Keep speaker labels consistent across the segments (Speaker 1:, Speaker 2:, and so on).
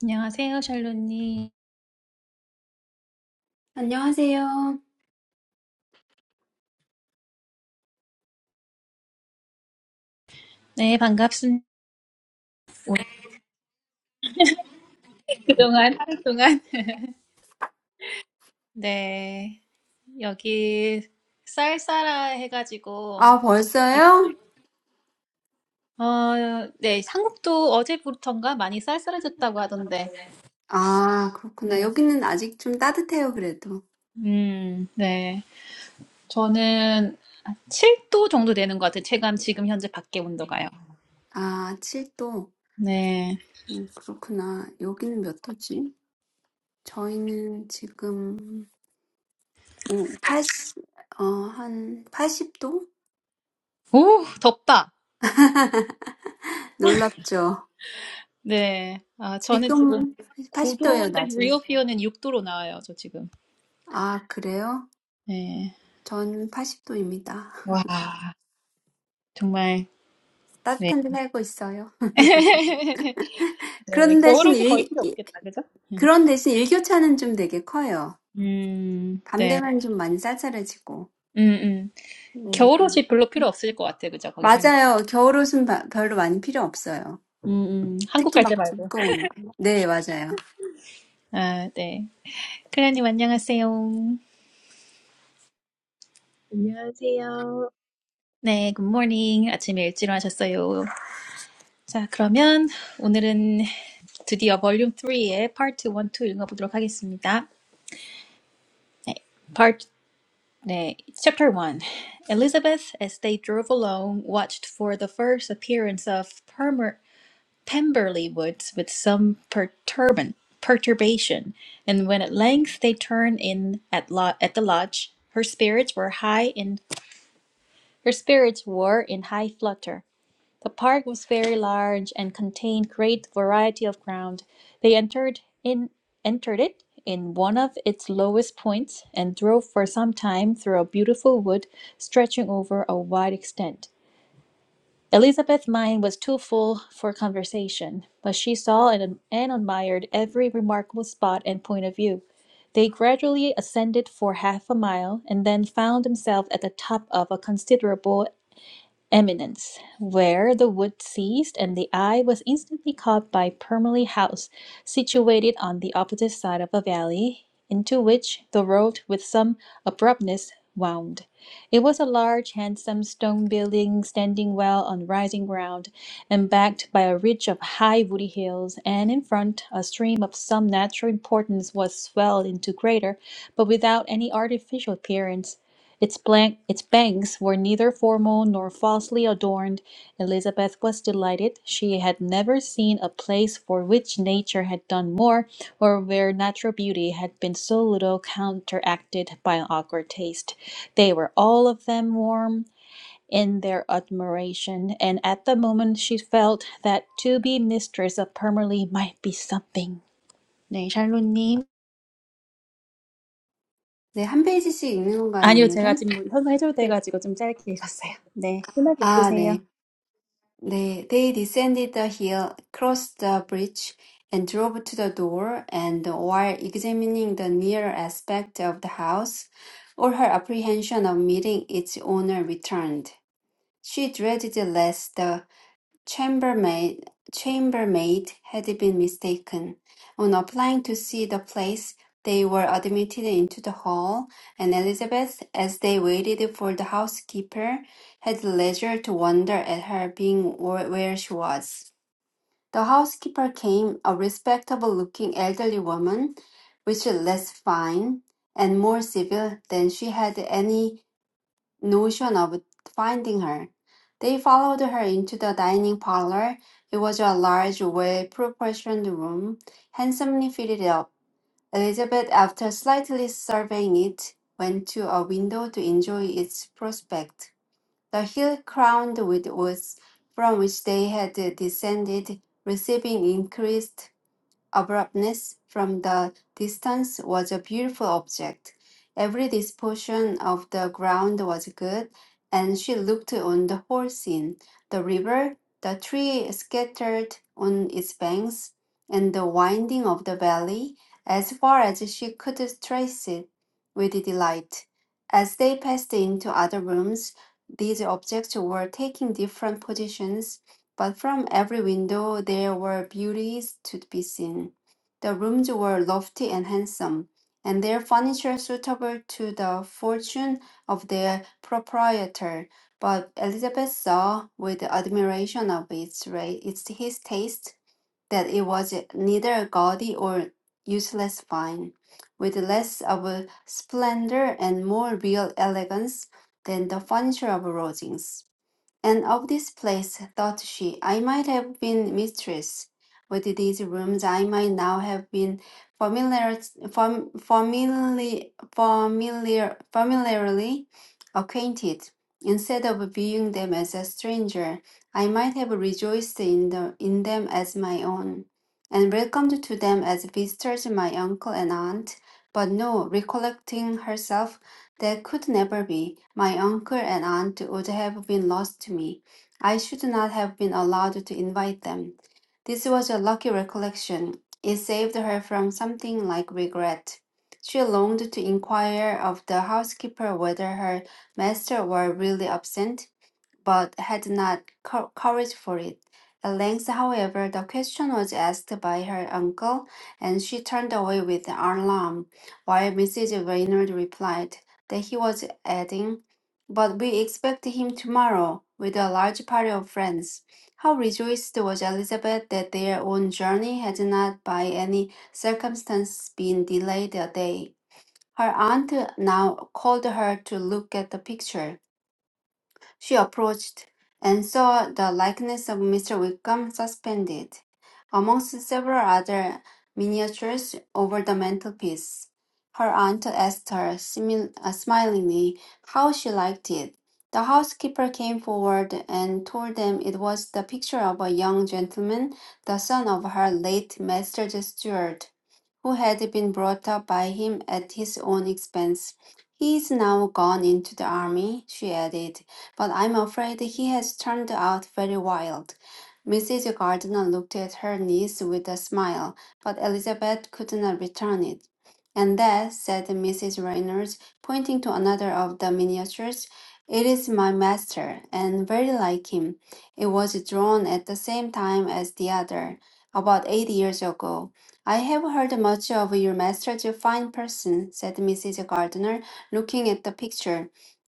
Speaker 1: 안녕하세요, 샬로님.
Speaker 2: 안녕하세요.
Speaker 1: 네, 반갑습니다. 오늘 그동안, 하루 동안. 네, 여기 쌀쌀하 해가지고, 이- 어, 네, 한국도 어제부터인가 많이 쌀쌀해졌다고 하던데,
Speaker 2: 아, 그렇구나.
Speaker 1: 네,
Speaker 2: 여기는 아직 좀 따뜻해요, 그래도.
Speaker 1: 음, 네. 저는 7도 정도 되는 것 같아요. 체감 지금 현재 밖에 온도가요.
Speaker 2: 아, 7도.
Speaker 1: 네.
Speaker 2: 음, 그렇구나. 여기는 몇 도지? 저희는 지금, 오, 80, 어, 한 80도?
Speaker 1: 오, 덥다.
Speaker 2: 놀랍죠?
Speaker 1: 네. 아, 저는 지금
Speaker 2: 지금은 80도예요,
Speaker 1: 9도인데,
Speaker 2: 낮은.
Speaker 1: 리오피어는 6도로 나와요, 저 지금.
Speaker 2: 아, 그래요?
Speaker 1: 네.
Speaker 2: 전 80도입니다.
Speaker 1: 와. 정말 네.
Speaker 2: 따뜻한 데 살고 있어요.
Speaker 1: 네,
Speaker 2: 그런 대신
Speaker 1: 겨울옷이 거의
Speaker 2: 일,
Speaker 1: 필요
Speaker 2: 일-
Speaker 1: 없겠다, 그죠? 음,
Speaker 2: 그런 대신 일교차는 좀 되게 커요.
Speaker 1: 음,
Speaker 2: 밤
Speaker 1: 네,
Speaker 2: 되면 좀 많이 쌀쌀해지고.
Speaker 1: 음, 음.
Speaker 2: 네.
Speaker 1: 겨울옷이 별로 필요 없을 것 같아, 그죠? 거기 사면.
Speaker 2: 맞아요. 겨울옷은 바- 별로 많이 필요 없어요.
Speaker 1: 음, 음. 한국
Speaker 2: 특히
Speaker 1: 갈 때
Speaker 2: 막
Speaker 1: 말고.
Speaker 2: 두꺼운 거. 네, 맞아요.
Speaker 1: 아, 네. 크리안님, 안녕하세요.
Speaker 3: 안녕하세요.
Speaker 1: 네, good morning. 아침에 일찍 와셨어요. 자, 그러면 오늘은 드디어 Volume Three의 Part One Two 읽어보도록 하겠습니다. Part 네, Chapter One. Elizabeth, as they drove along, watched for the first appearance of Permer. Pemberley woods with some perturban, perturbation, and when at length they turned in at, lo- at the lodge, her spirits were high in her spirits were in high flutter. The park was very large and contained great variety of ground. They entered in entered it in one of its lowest points and drove for some time through a beautiful wood stretching over a wide extent. Elizabeth's mind was too full for conversation, but she saw and, and admired every remarkable spot and point of view. They gradually ascended for half a mile, and then found themselves at the top of a considerable eminence, where the wood ceased, and the eye was instantly caught by Purmley House, situated on the opposite side of a valley, into which the road with some abruptness wound. It was a large, handsome stone building, standing well on rising ground, and backed by a ridge of high woody hills, and in front a stream of some natural importance was swelled into greater, but without any artificial appearance its, blank, its banks were neither formal nor falsely adorned. Elizabeth was delighted. She had never seen a place for which nature had done more, or where natural beauty had been so little counteracted by an awkward taste. They were all of them warm in their admiration, and at the moment she felt that to be mistress of Pemberley might be something. 네, 샬로님.
Speaker 2: 네, 한 페이지씩 읽는 건가요,
Speaker 1: 아니요, 제가
Speaker 2: 오늘은?
Speaker 1: 지금 현서 해줄
Speaker 2: 네.
Speaker 1: 돼가지고 좀 짧게 읽었어요. 네, 편하게
Speaker 2: 아,
Speaker 1: 읽으세요.
Speaker 2: 네. 네. They descended the hill, crossed the bridge, and drove to the door, and while examining the near aspect of the house, all her apprehension of meeting its owner returned. She dreaded less chambermaid, chambermaid had been mistaken. On applying to see the place, they were admitted into the hall, and Elizabeth, as they waited for the housekeeper, had leisure to wonder at her being wh- where she was. The housekeeper came, a respectable looking elderly woman, which less fine and more civil than she had any notion of finding her. They followed her into the dining parlor. It was a large, well-proportioned room, handsomely fitted up. Elizabeth, after slightly surveying it, went to a window to enjoy its prospect. The hill crowned with woods from which they had descended, receiving increased abruptness from the distance was a beautiful object. Every disposition of the ground was good, and she looked on the whole scene the river, the tree scattered on its banks, and the winding of the valley, as far as she could trace it, with delight. As they passed into other rooms, these objects were taking different positions but from every window there were beauties to be seen. The rooms were lofty and handsome, and their furniture suitable to the fortune of their proprietor. But Elizabeth saw with admiration of its, ra- its his taste that it was neither gaudy or useless fine, with less of a splendor and more real elegance than the furniture of Rosings. And of this place, thought she, I might have been mistress. With these rooms, I might now have been familiar, fam, familiarly, familiar, familiarly acquainted. Instead of viewing them as a stranger, I might have rejoiced in, the, in them as my own, and welcomed to them as visitors my uncle and aunt. But no, recollecting herself, that could never be. My uncle and aunt would have been lost to me. I should not have been allowed to invite them. This was a lucky recollection. It saved her from something like regret. She longed to inquire of the housekeeper whether her master were really absent, but had not cou- courage for it. At length, however, the question was asked by her uncle, and she turned away with alarm, while Mrs. Reynard replied that he was adding, But we expect him tomorrow with a large party of friends. How rejoiced was Elizabeth that their own journey had not by any circumstance been delayed a day. Her aunt now called her to look at the picture. She approached and saw the likeness of Mr. Wickham suspended, amongst several other miniatures, over the mantelpiece. Her aunt asked her simil- uh, smilingly how she liked it. The housekeeper came forward and told them it was the picture of a young gentleman, the son of her late master's steward, who had been brought up by him at his own expense. He is now gone into the army, she added but I'm afraid he has turned out very wild. Mrs. Gardiner looked at her niece with a smile, but Elizabeth could not return it. And that, said Mrs. Reynolds, pointing to another of the miniatures, it is my master, and very like him. It was drawn at the same time as the other, about eight years ago. I have heard much of your master, a fine person, said Mrs. Gardiner, looking at the picture.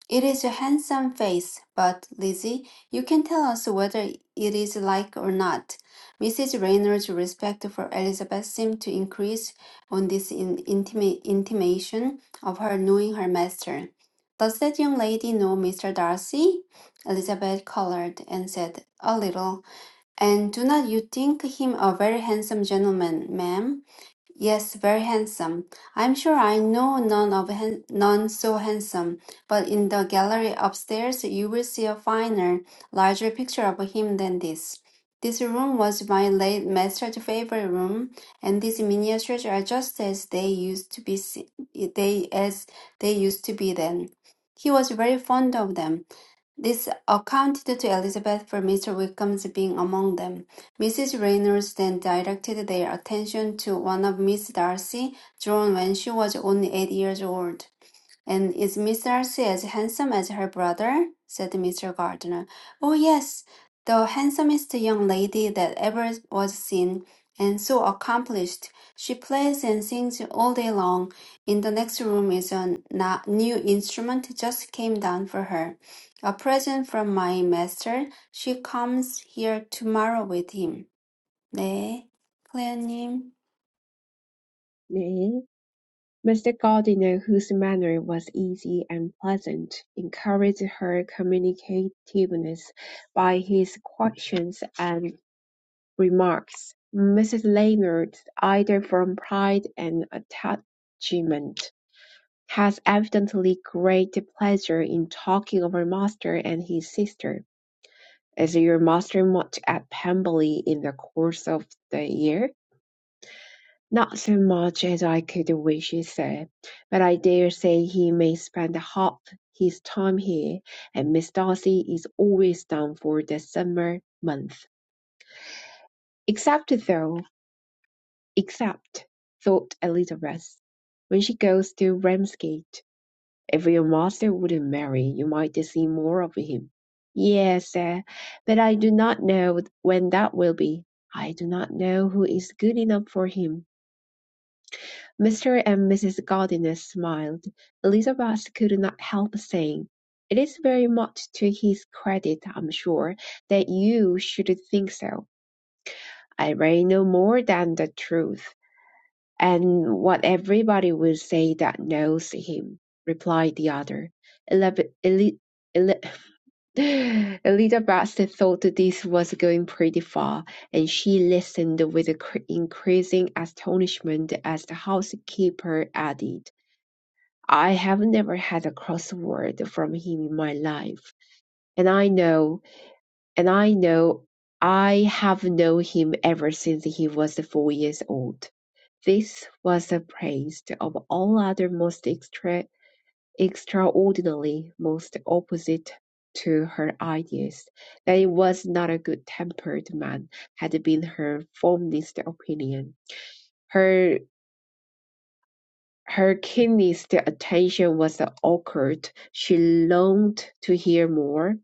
Speaker 2: It is a handsome face, but, Lizzie, you can tell us whether it is like or not. Mrs. Raynor's respect for Elizabeth seemed to increase on this in- intima- intimation of her knowing her master. Does that young lady know Mr. Darcy? Elizabeth colored and said, A little. And do not you think him a very handsome gentleman, ma'am? Yes, very handsome. I'm sure I know none of han- none so handsome, but in the gallery upstairs you will see a finer, larger picture of him than this. This room was my late master's favorite room, and these miniatures are just as they used to be se- they as they used to be then. He was very fond of them. This accounted to Elizabeth for Mr. Wickham's being among them. Mrs. Reynolds then directed their attention to one of Miss Darcy, drawn when she was only eight years old. And is Miss Darcy as handsome as her brother? said Mr. Gardner. Oh, yes, the handsomest young lady that ever was seen, and so accomplished. She plays and sings all day long. In the next room is a na- new instrument just came down for her. A present from my master. She comes here tomorrow with him. 네, 클레어님.
Speaker 3: 네. Mr. Gardiner, whose manner was easy and pleasant, encouraged her communicativeness by his questions and remarks. Mrs. Lennard, either from pride and attachment, has evidently great pleasure in talking of her master and his sister. Is your master much at Pemberley in the course of the year? Not so much as I could wish, he said, but I dare say he may spend half his time here, and Miss Darcy is always down for the summer month. Except though, except, thought Elizabeth, when she goes to Ramsgate. If your master wouldn't marry, you might see more of him. Yes, sir, but I do not know when that will be. I do not know who is good enough for him. Mr. and Mrs. Gardiner smiled; Elizabeth could not help saying, "It is very much to his credit, I'm sure, that you should think so. I really know more than the truth, and what everybody will say that knows him," replied the other. Elab- Eli- Eli- Elizabeth thought this was going pretty far, and she listened with increasing astonishment as the housekeeper added. I have never had a crossword from him in my life. And I know, and I know, I have known him ever since he was four years old. This was the praise of all other most extra, extraordinary, most opposite to her ideas. That he was not a good tempered man had been her fondest opinion. Her Her keenest attention was occult; she longed to hear more,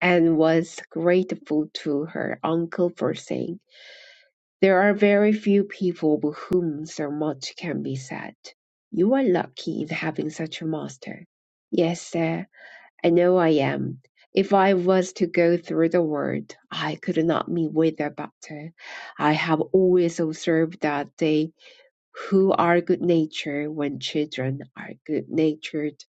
Speaker 3: and was grateful to her uncle for saying, "There are very few people of whom so much can be said. You are lucky in having such a master." "Yes, sir, I know I am. If I was to go through the world, I could not meet with a better. I have always observed that they who are good natured when children are good natured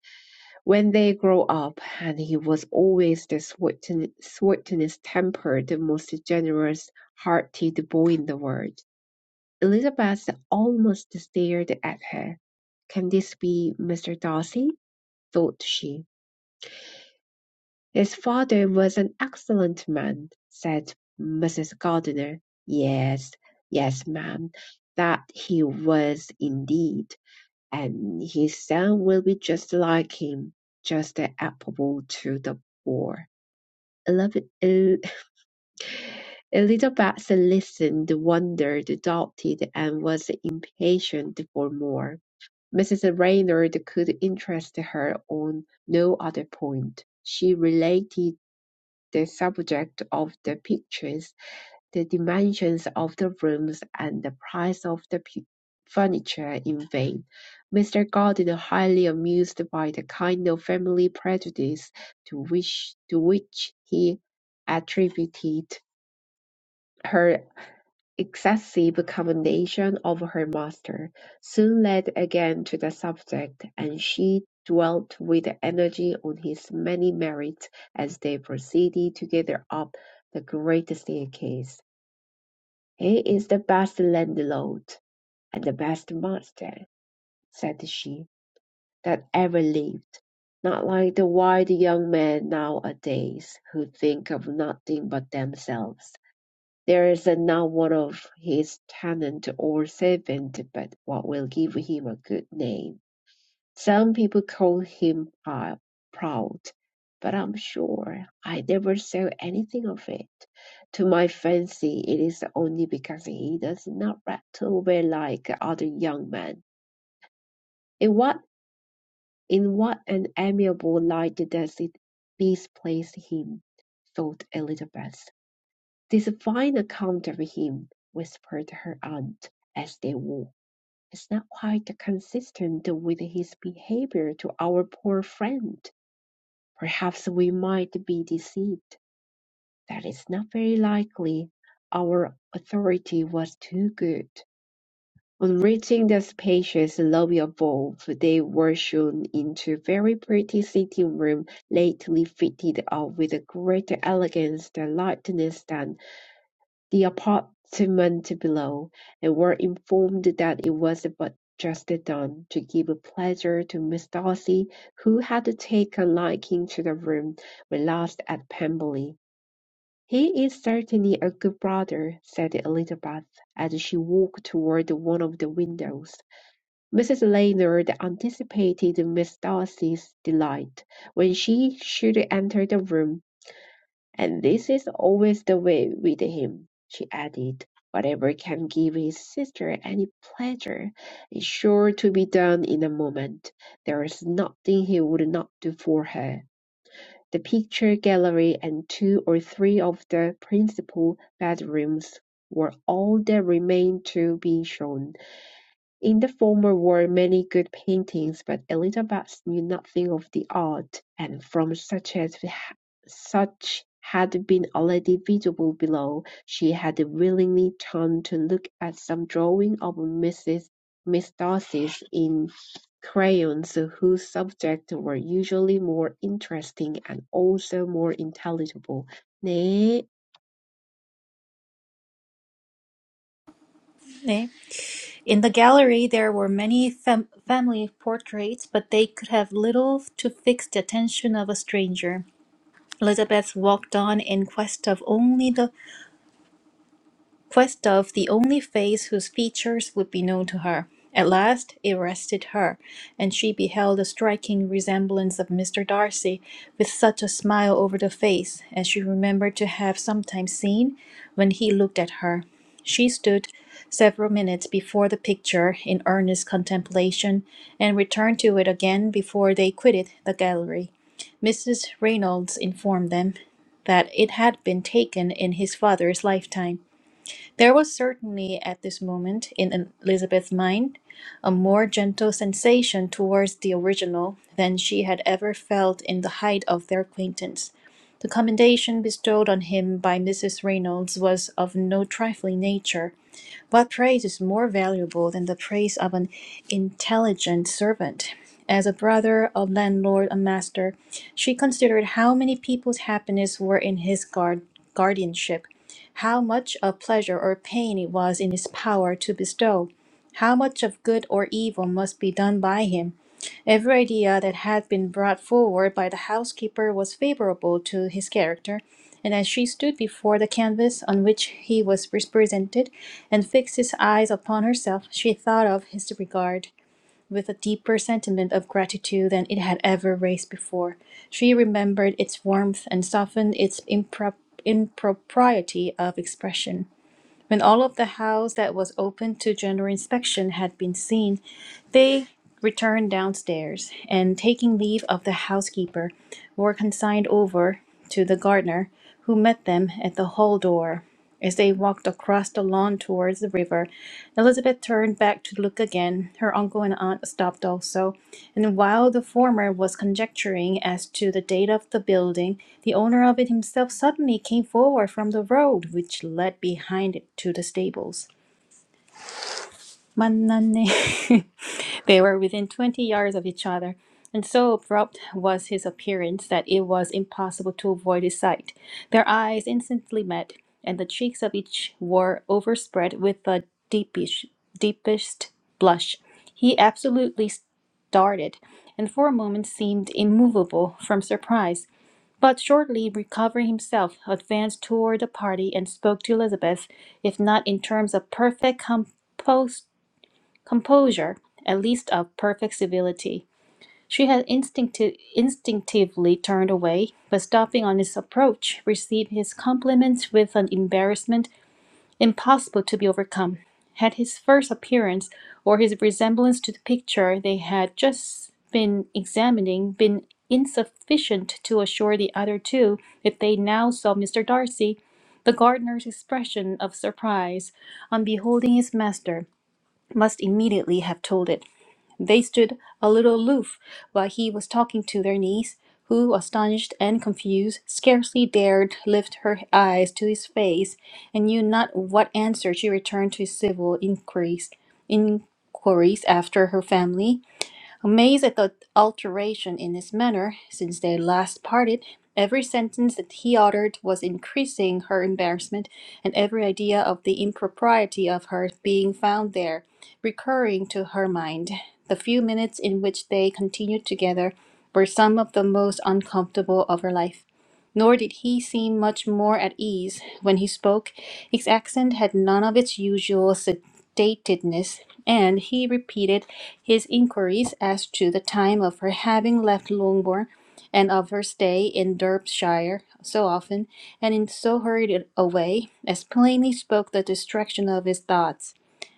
Speaker 3: when they grow up, and he was always the sweeten- sweetest tempered, the most generous hearted boy in the world. Elizabeth almost stared at her. Can this be Mr. Darcy? thought she. His father was an excellent man, said Mrs. Gardiner. Yes, yes, ma'am, that he was indeed and his son will be just like him, just affable to the poor. Elab- El- Elizabeth listened, wondered, doubted, and was impatient for more. Mrs. Reynard could interest her on no other point. She related the subject of the pictures the dimensions of the rooms and the price of the pu- furniture in vain. Mr. Gordon, highly amused by the kind of family prejudice to which, to which he attributed her excessive commendation of her master, soon led again to the subject, and she dwelt with energy on his many merits as they proceeded together up the great staircase. "He is the best landlord and the best master," said she, "that ever lived, not like the wild young men nowadays, who think of nothing but themselves. There is not one of his tenant or servant but what will give him a good name. Some people call him prou- proud, but I'm sure I never saw anything of it. To my fancy, it is only because he does not rattle away like other young men. In what in what an amiable light does it displace him? thought Elizabeth. This fine account of him, whispered her aunt as they walked, is not quite consistent with his behaviour to our poor friend. Perhaps we might be deceived; that is not very likely. Our authority was too good. On reaching the spacious lobby above, they were shown into a very pretty sitting room lately fitted up with a greater elegance and lightness than the apartment below, and were informed that it was but just done, to give pleasure to Miss Darcy, who had taken a liking to the room when last at Pemberley. "He is certainly a good brother," said Elizabeth, as she walked toward one of the windows. Mrs. Lennard anticipated Miss Darcy's delight when she should enter the room. And this is always the way with him, she added. Whatever can give his sister any pleasure is sure to be done in a moment. There is nothing he would not do for her. The picture gallery and two or three of the principal bedrooms were all that remained to be shown. In the former were many good paintings, but Elizabeth knew nothing of the art, and from such as such had been already visible below, she had willingly turned to look at some drawing of Mrs. Miss Darcy's in crayons, whose subjects were usually more interesting and also more intelligible. 네,
Speaker 1: 네. In the gallery there were many fam- family portraits, but they could have little to fix the attention of a stranger. Elizabeth walked on in quest of only the Questov the only face whose features would be known to her. At last it rested her, and she beheld a striking resemblance of Mr. Darcy, with such a smile over the face as she remembered to have sometimes seen when he looked at her. She stood several minutes before the picture in earnest contemplation, and returned to it again before they quitted the gallery. Mrs. Reynolds informed them that it had been taken in his father's lifetime there was certainly at this moment in Elizabeth's mind a more gentle sensation towards the original than she had ever felt in the height of their acquaintance. The commendation bestowed on him by Mrs. Reynolds was of no trifling nature. What praise is more valuable than the praise of an intelligent servant? As a brother, a landlord, a master, she considered how many people's happiness were in his guard- guardianship, how much of pleasure or pain it was in his power to bestow, how much of good or evil must be done by him. Every idea that had been brought forward by the housekeeper was favourable to his character, and as she stood before the canvas on which he was represented, and fixed his eyes upon herself, she thought of his regard with a deeper sentiment of gratitude than it had ever raised before. She remembered its warmth and softened its impro- impropriety of expression. When all of the house that was open to general inspection had been seen, they returned downstairs, and taking leave of the housekeeper, were consigned over to the gardener, who met them at the hall door. As they walked across the lawn towards the river, Elizabeth turned back to look again. Her uncle and aunt stopped also, and while the former was conjecturing as to the date of the building, the owner of it himself suddenly came forward from the road which led behind it to the stables. 만났네. They were within twenty yards of each other, and so abrupt was his appearance that it was impossible to avoid his sight. Their eyes instantly met, and the cheeks of each were overspread with the deepish, deepest blush. He absolutely started, and for a moment seemed immovable from surprise. But shortly recovering himself, advanced toward the party and spoke to Elizabeth, if not in terms of perfect composure composure, at least of perfect civility. She had instincti- instinctively turned away, but stopping on his approach, received his compliments with an embarrassment impossible to be overcome. Had his first appearance or his resemblance to the picture they had just been examining been insufficient to assure the other two if they now saw Mr. Darcy, the gardener's expression of surprise on beholding his master must immediately have told it. They stood a little aloof while he was talking to their niece, who, astonished and confused, scarcely dared lift her eyes to his face, and knew not what answer she returned to his civil inquiries, inquiries after her family Amazed at the alteration in his manner since they last parted, every sentence that he uttered was increasing her embarrassment, and every idea of the impropriety of her being found there recurring to her mind. The few minutes in which they continued together were some of the most uncomfortable of her life. Nor did he seem much more at ease when he spoke. His accent had none of its usual sed- datedness, and he repeated his inquiries as to the time of her having left Longbourn and of her stay in Derbyshire so often and in so hurried a way as plainly spoke the distraction of his thoughts.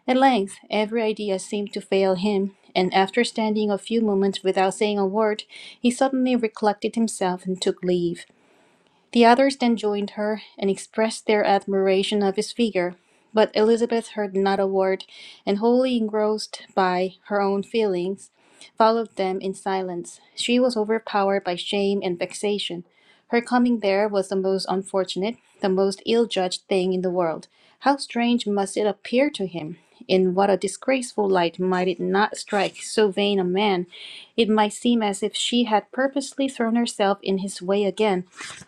Speaker 1: At length every idea seemed to fail him, and after standing a few moments without saying a word, he suddenly recollected himself and took leave. The others then joined her and expressed their admiration of his figure, but Elizabeth heard not a word, and wholly engrossed by her own feelings, followed them in silence. She was overpowered by shame and vexation. Her coming there was the most unfortunate, the most ill judged thing in the world. How strange must it appear to him! In what a disgraceful light might it not strike so vain a man! It might seem as if she had purposely thrown herself in his way again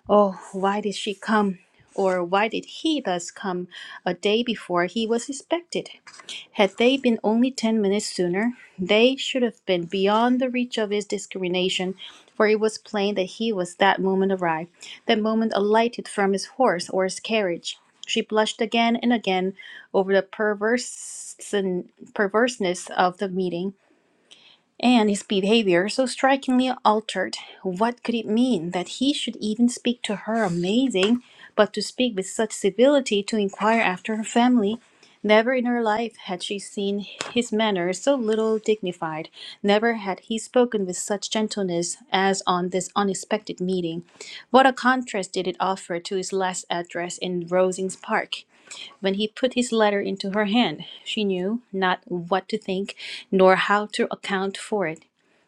Speaker 1: Oh, why did she come? Or why did he thus come a day before he was expected? Had they been only ten minutes sooner, they should have been beyond the reach of his discrimination, for it was plain that he was that moment arrived, that moment alighted from his horse or his carriage. She blushed again and again over the perverse perverseness of the meeting, and his behavior so strikingly altered. What could it mean that he should even speak to her? Amazing, but to speak with such civility, to inquire after her family. Never in her life had she seen his manner so little dignified. Never had he spoken with such gentleness as on this unexpected meeting. What a contrast did it offer to his last address in Rosings Park! When he put his letter into her hand, she knew not what to think nor how to account for it.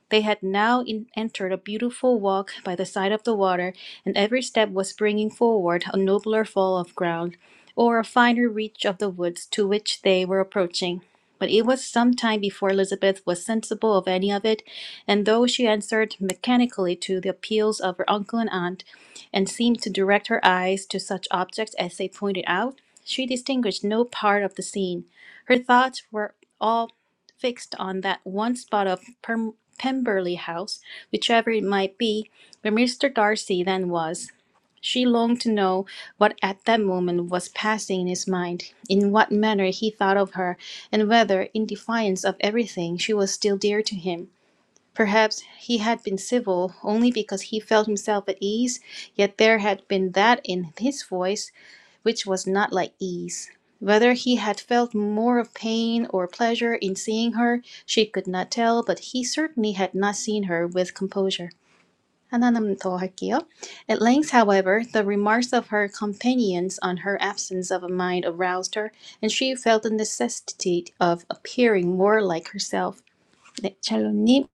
Speaker 1: They had now in- entered a beautiful walk by the side of the water, and every step was bringing forward a nobler fall of ground, or a finer reach of the woods to which they were approaching. But it was some time before Elizabeth was sensible of any of it, and though she answered mechanically to the appeals of her uncle and aunt, and seemed to direct her eyes to such objects as they pointed out, she distinguished no part of the scene. Her thoughts were all fixed on that one spot of Pem- Pemberley House, whichever it might be, where Mr. Darcy then was. She longed to know what at that moment was passing in his mind, in what manner he thought of her, and whether, in defiance of everything, she was still dear to him. Perhaps he had been civil only because he felt himself at ease, yet there had been that in his voice which was not like ease. Whether he had felt more of pain or pleasure in seeing her, she could not tell, but he certainly had not seen her with composure. 하나만 더 할게요. At length, however, the remarks of her companions on her absence of mind aroused her, and she felt the necessity of appearing more like herself. 네, 샬롯님.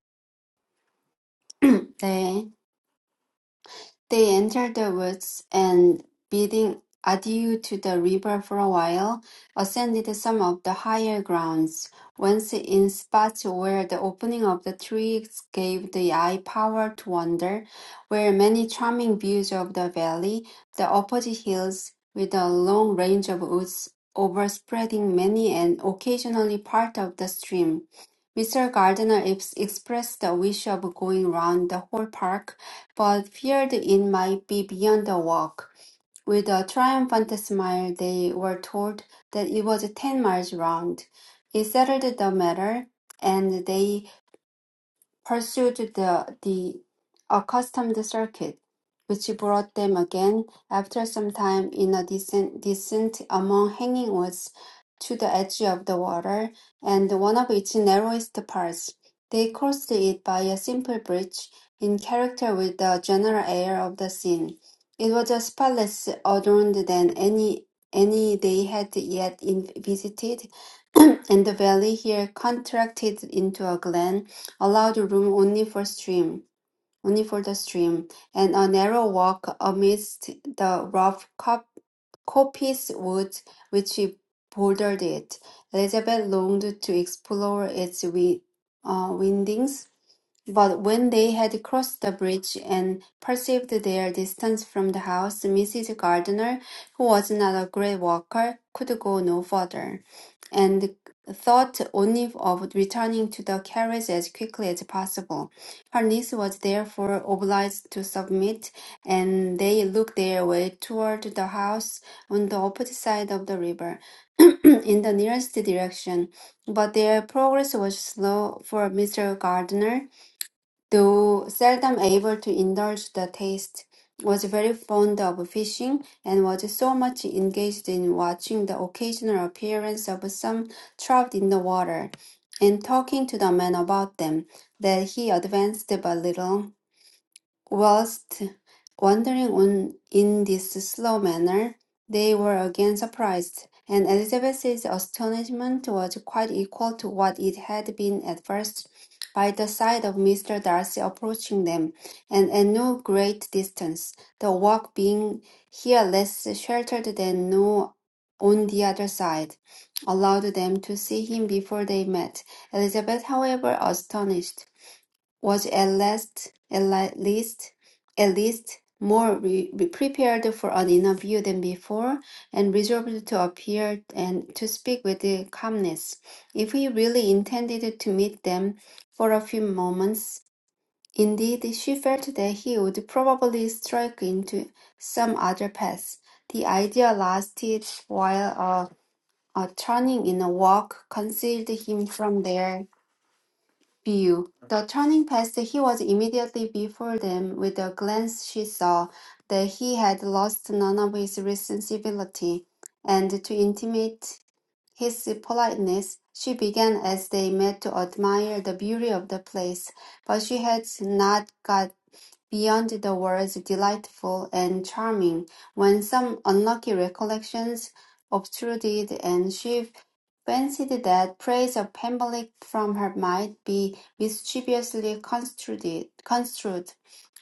Speaker 2: 네. They entered the woods, and bidding adieu to the river for a while, ascended some of the higher grounds, whence in spots where the opening of the trees gave the eye power to wander, were many charming views of the valley, the opposite hills, with a long range of woods overspreading many and occasionally part of the stream. Mr. Gardiner ex- expressed the wish of going round the whole park, but feared it might be beyond the walk. With a triumphant smile, they were told that it was ten miles round. It settled the matter, and they pursued the the accustomed circuit, which brought them again, after some time, in a descent, descent among hanging woods to the edge of the water, and one of its narrowest parts. They crossed it by a simple bridge, in character with the general air of the scene. It was a spot adorned than any any they had yet in, visited, and the valley here contracted into a glen allowed room only for stream, only for the stream, and a narrow walk amidst the rough cop- coppice wood which bordered it. Elizabeth longed to explore its wi- uh, windings, but when they had crossed the bridge and perceived their distance from the house, Mrs. Gardiner, who was not a great walker, could go no further, and thought only of returning to the carriage as quickly as possible. Her niece was therefore obliged to submit, and they looked their way toward the house on the opposite side of the river, in the nearest direction. But their progress was slow, for Mr. Gardiner though seldom able to indulge the taste, was very fond of fishing, and was so much engaged in watching the occasional appearance of some trout in the water, and talking to the men about them, that he advanced but little Whilst wandering on in this slow manner, they were again surprised, and Elizabeth's astonishment was quite equal to what it had been at first by the sight of Mr. Darcy approaching them, and at no great distance, the walk being here less sheltered than no on the other side, allowed them to see him before they met. Elizabeth, however, astonished was at least at li- least at least more re- re- prepared for an interview than before and resolved to appear and to speak with the calmness if he really intended to meet them for a few moments indeed she felt that he would probably strike into some other path the idea lasted while a, a turning in a walk concealed him from their view. The turning past, he was immediately before them. With a glance, she saw that he had lost none of his recent civility, and to intimate his politeness, she began as they met to admire the beauty of the place. But she had not got beyond the words delightful and charming when some unlucky recollections obtruded, and she fancied that praise of Pemberley from her might be mischievously construed. construed.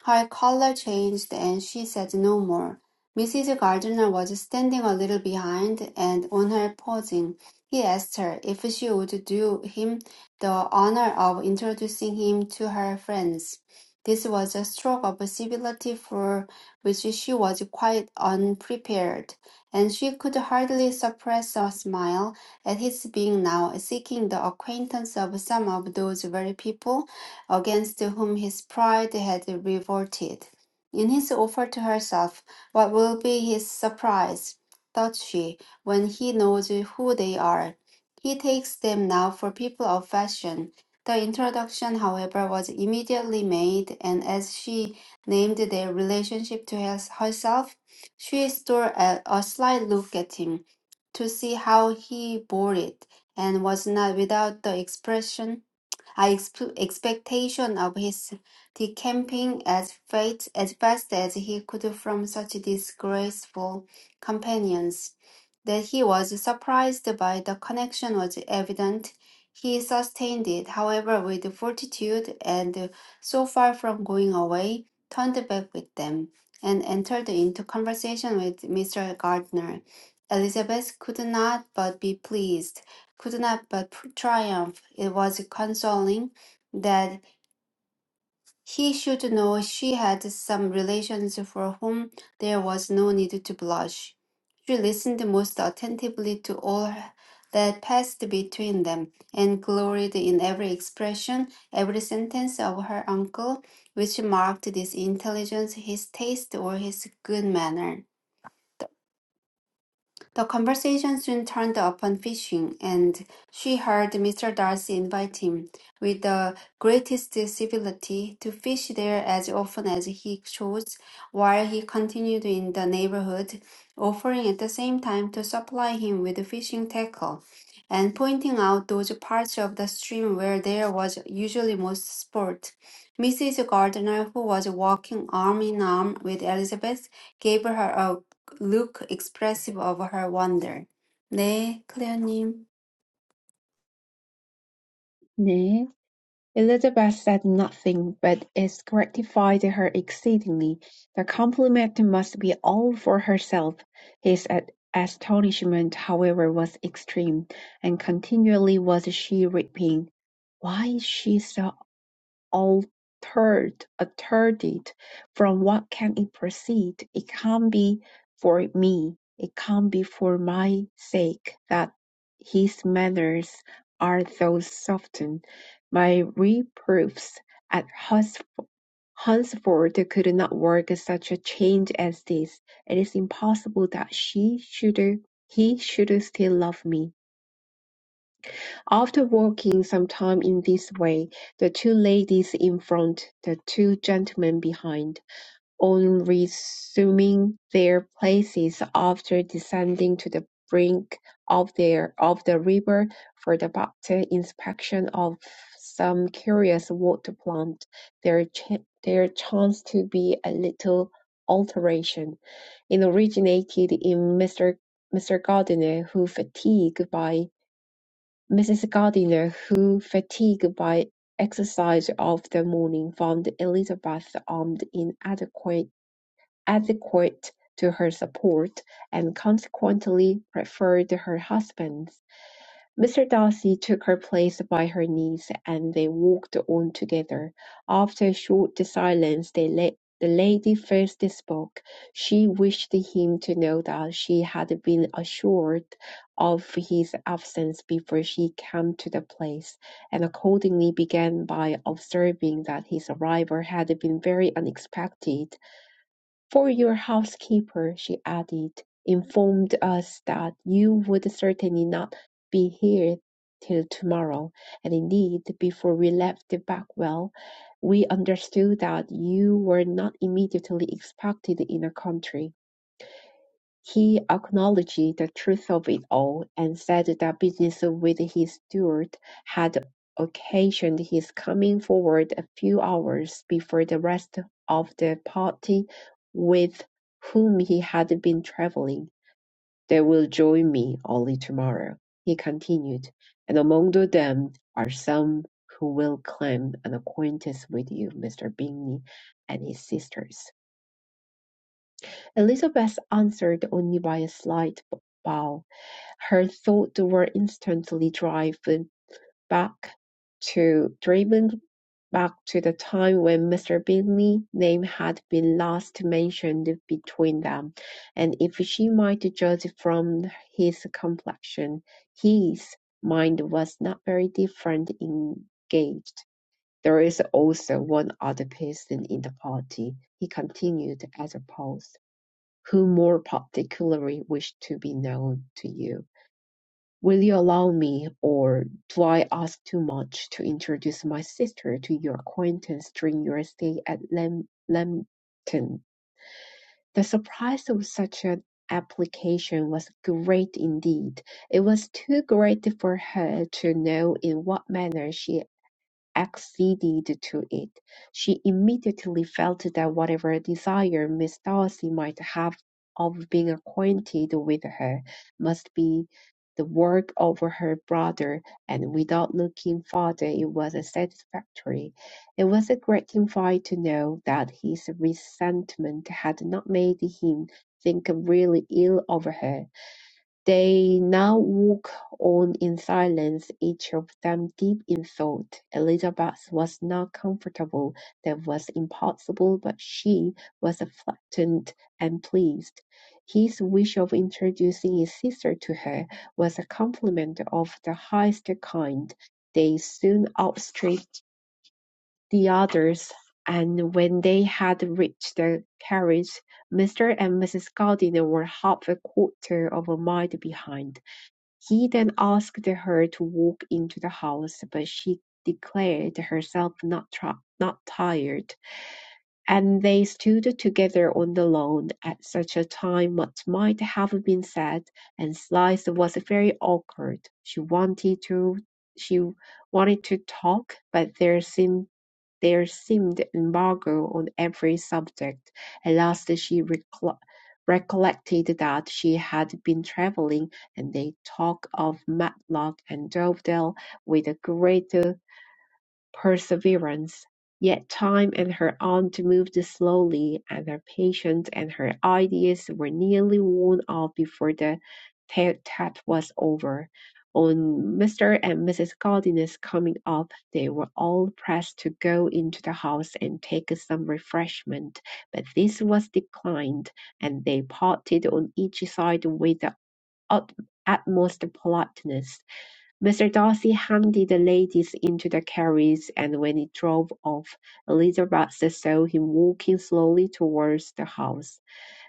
Speaker 2: Her colour changed, and she said no more. Mrs. Gardiner was standing a little behind, and on her pausing, he asked her if she would do him the honour of introducing him to her friends. This was a stroke of civility for which she was quite unprepared, and she could hardly suppress a smile at his being now, seeking the acquaintance of some of those very people against whom his pride had revolted. In his offer to herself, what will be his surprise, thought she, when he knows who they are? He takes them now for people of fashion. The introduction, however, was immediately made, and as she named their relationship to herself, she stole a, a sly look at him to see how he bore it, and was not without the expression, I exp- expectation of his decamping as fate as best as he could from such disgraceful companions. That he was surprised by the connection was evident. He sustained it, however, with fortitude, and so far from going away, turned back with them and entered into conversation with Mr. Gardner. Elizabeth could not but be pleased, could not but triumph. It was consoling that he should know she had some relations for whom there was no need to blush. She listened most attentively to all that passed between them, and gloried in every expression, every sentence of her uncle, which marked his intelligence, his taste, or his good manner. The conversation soon turned upon fishing, and she heard Mr. Darcy invite him, with the greatest civility, to fish there as often as he chose, while he continued in the neighborhood, offering at the same time to supply him with fishing tackle, and pointing out those parts of the stream where there was usually most sport. Mrs. Gardiner, who was walking arm in arm with Elizabeth, gave her a look expressive of her wonder. 네, 클레어님.
Speaker 3: 네. Elizabeth said nothing, but is gratified to her exceedingly: the compliment must be all for herself. His astonishment, however, was extreme, and continually was she repeating, "Why is she so altered, altered from what can it proceed? It can't be for me. It can't be for my sake that his manners are thus softened. My reproofs at Hus- Hunsford could not work such a change as this. It is impossible that she should, he should still love me. After walking some time in this way, the two ladies in front, the two gentlemen behind, on resuming their places after descending to the brink of their of the river for the better inspection of some curious water plant, there ch- there chanced to be a little alteration. It originated in Mr. Mr. Gardiner, who, fatigued by Mrs. Gardiner, who, fatigued by exercise of the morning, found Elizabeth armed inadequate adequate to her support, and consequently preferred her husband. Mr. Darcy took her place by her niece, and they walked on together. After a short silence, they la- the lady first spoke. She wished him to know that she had been assured of his absence before she came to the place, and accordingly began by observing that his arrival had been very unexpected for your housekeeper, she added, informed us that you would certainly not be here till tomorrow, and indeed, before we left Bagwell, we understood that you were not immediately expected in the country. He acknowledged the truth of it all, and said that business with his steward had occasioned his coming forward a few hours before the rest of the party with whom he had been travelling. "They will join me only tomorrow," he continued, "and among them are some who will claim an acquaintance with you, Mr. Bingley, and his sisters. Elizabeth answered only by a slight bow; her thoughts were instantly driven back to driven back to the time when Mr. Bingley's name had been last mentioned between them, and if she might judge from his complexion, his mind was not very different engaged. "There is also one other person in the party," he continued, as a pause who more particularly wish to be known to you. Will you allow me, or do I ask too much, to introduce my sister to your acquaintance during your stay at Lam- Lambton? The surprise of such an application was great indeed. It was too great for her to know in what manner she acceded to it, she immediately felt that whatever desire Miss Darcy might have of being acquainted with her must be the work of her brother, and without looking farther, it was satisfactory. It was a gratifying to know that his resentment had not made him think really ill of her they now walk on in silence, each of them deep in thought. Elizabeth was not comfortable, that was impossible, but she was flattened and pleased. His wish of introducing his sister to her was a compliment of the highest kind. They soon outstripped the others, and when they had reached the carriage, Mr. and Mrs. Gardiner were half a quarter of a mile behind. He then asked her to walk into the house, but she declared herself not tri- not tired, and they stood together on the lawn. At such a time, what might have been said and Slice was very awkward. She wanted to she wanted to talk, but there seemed there seemed embargo on every subject. At last she recol- recollected that she had been travelling, and they talked of Matlock and Dovedale with a great perseverance, yet time and her aunt moved slowly, and her patience and her ideas were nearly worn out before the tete-a-tete was over. On Mr. and Mrs. Gardiner's coming up, they were all pressed to go into the house and take some refreshment, but this was declined, and they parted on each side with the utmost politeness. Mr. Darcy handed the ladies into the carriage, and when it drove off, Elizabeth saw him walking slowly towards the house.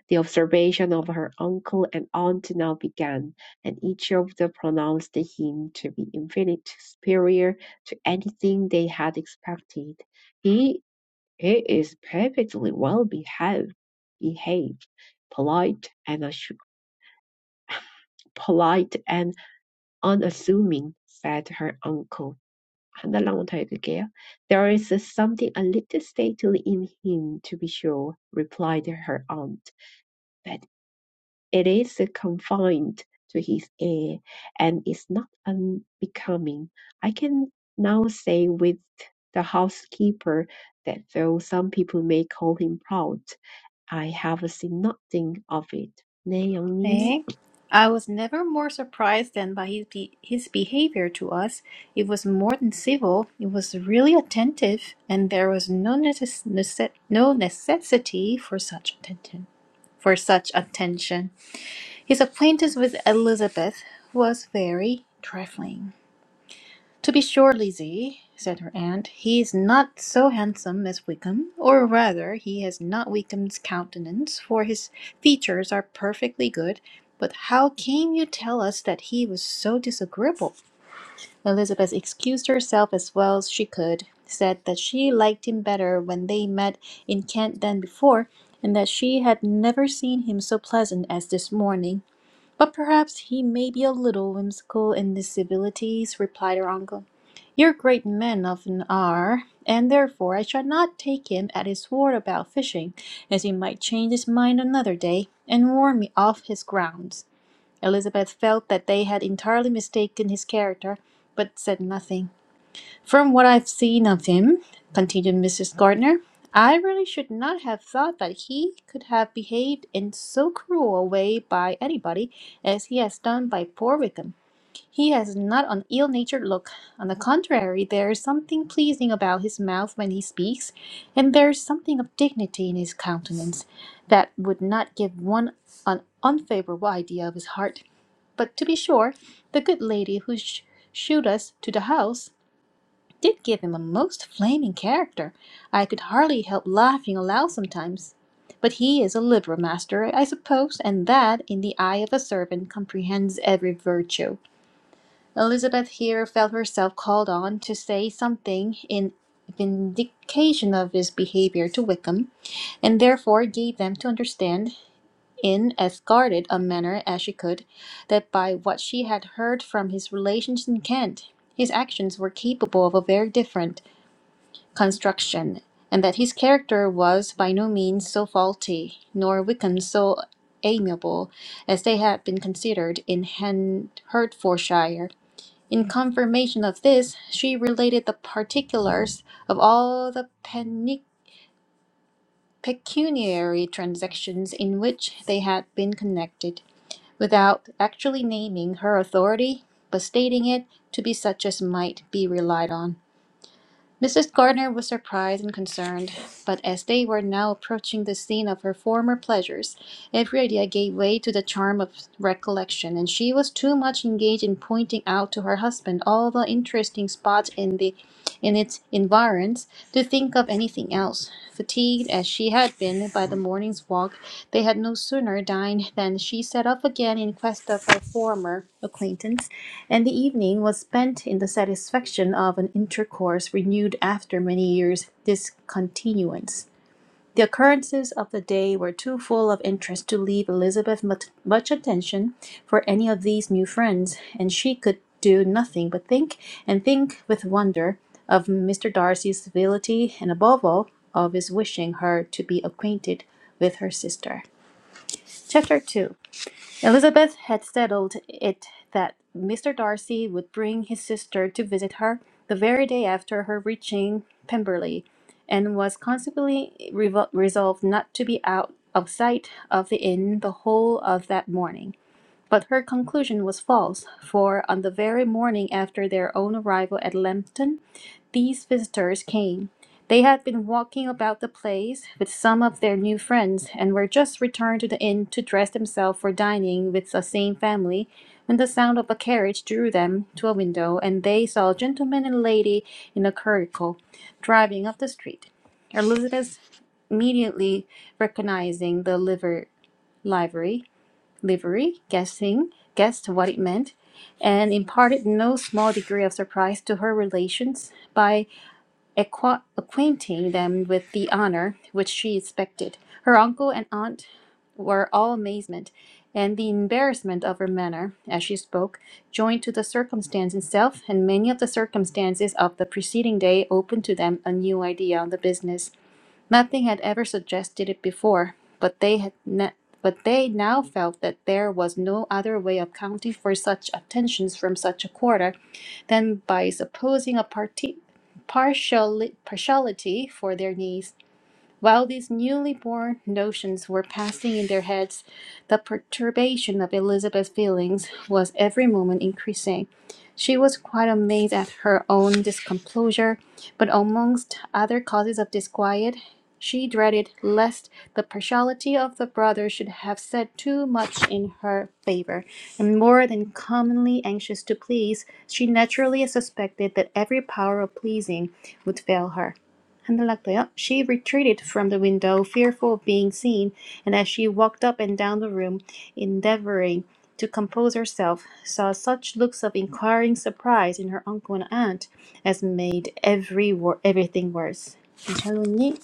Speaker 3: The observation of her uncle and aunt now began, and each of them pronounced him to be infinitely superior to anything they had expected. He, he is perfectly well behaved, behaved, polite and assu- polite and unassuming, said her uncle. 하늘랑 달그게요. There is something a little stately in him, to be sure, replied her aunt, but it is confined to his air, and is not unbecoming. I can now say with the housekeeper that though some people may call him proud, I have seen nothing of it. 네, 영님.
Speaker 1: Eh? I was never more surprised than by his, be- his behavior to us. It was more than civil, it was really attentive, and there was no, necess- nece- no necessity for such attention. For such attention, his acquaintance with Elizabeth was very trifling. To be sure, Lizzie, said her aunt, he is not so handsome as Wickham, or rather, he has not Wickham's countenance, for his features are perfectly good. But how came you tell us that he was so disagreeable? Elizabeth excused herself as well as she could, said that she liked him better when they met in Kent than before, and that she had never seen him so pleasant as this morning. But perhaps he may be a little whimsical in his civilities, replied her uncle. Your great men often are, and therefore I shall not take him at his word about fishing, as he might change his mind another day, and warn me off his grounds. Elizabeth felt that they had entirely mistaken his character, but said nothing. From what I've seen of him, continued Mrs. Gardner, I really should not have thought that he could have behaved in so cruel a way by anybody as he has done by poor Wickham. He has not an ill natured look. On the contrary, there is something pleasing about his mouth when he speaks, and there is something of dignity in his countenance that would not give one an unfavorable idea of his heart. But to be sure, the good lady who sh- shewed us to the house did give him a most flaming character. I could hardly help laughing aloud sometimes. But he is a liberal master, I suppose, and that, in the eye of a servant, comprehends every virtue. Elizabeth here felt herself called on to say something in vindication of his behavior to Wickham, and therefore gave them to understand, in as guarded a manner as she could, that by what she had heard from his relations in Kent, his actions were capable of a very different construction, and that his character was by no means so faulty, nor Wickham so amiable, as they had been considered in Han- Hertfordshire. In confirmation of this, she related the particulars of all the peni- pecuniary transactions in which they had been connected, without actually naming her authority, but stating it to be such as might be relied on. Mrs. Gardner was surprised and concerned, but as they were now approaching the scene of her former pleasures, every idea gave way to the charm of recollection, and she was too much engaged in pointing out to her husband all the interesting spots in the in its environs to think of anything else. Fatigued as she had been by the morning's walk, they had no sooner dined than she set off again in quest of her former acquaintance and the evening was spent in the satisfaction of an intercourse renewed after many years' discontinuance. The occurrences of the day were too full of interest to leave Elizabeth much attention for any of these new friends, and she could do nothing but think and think with wonder of Mr. Darcy's civility, and above all, of his wishing her to be acquainted with her sister. Chapter 2 Elizabeth had settled it that Mr. Darcy would bring his sister to visit her the very day after her reaching Pemberley, and was consequently revo- resolved not to be out of sight of the inn the whole of that morning. But her conclusion was false, for on the very morning after their own arrival at Lambton, these visitors came. They had been walking about the place with some of their new friends, and were just returned to the inn to dress themselves for dining with the same family, when the sound of a carriage drew them to a window, and they saw a gentleman and lady in a curricle driving up the street. Elizabeth immediately recognizing the liver livery livery, guessing, guessed what it meant, and imparted no small degree of surprise to her relations by acqua- acquainting them with the honor which she expected. Her uncle and aunt were all amazement, and the embarrassment of her manner as she spoke, joined to the circumstance itself and many of the circumstances of the preceding day, opened to them a new idea on the business Nothing had ever suggested it before, but they had ne- but they now felt that there was no other way of accounting for such attentions from such a quarter than by supposing a parti- partiali- partiality for their needs. While these newly born notions were passing in their heads, the perturbation of Elizabeth's feelings was every moment increasing. She was quite amazed at her own discomposure, but amongst other causes of disquiet, she dreaded lest the partiality of the brother should have said too much in her favor, and more than commonly anxious to please, she naturally suspected that every power of pleasing would fail her. 흔들락도요. She retreated from the window, fearful of being seen, and as she walked up and down the room, endeavoring to compose herself, saw such looks of inquiring surprise in her uncle and aunt as made every wor- everything worse. 샬로님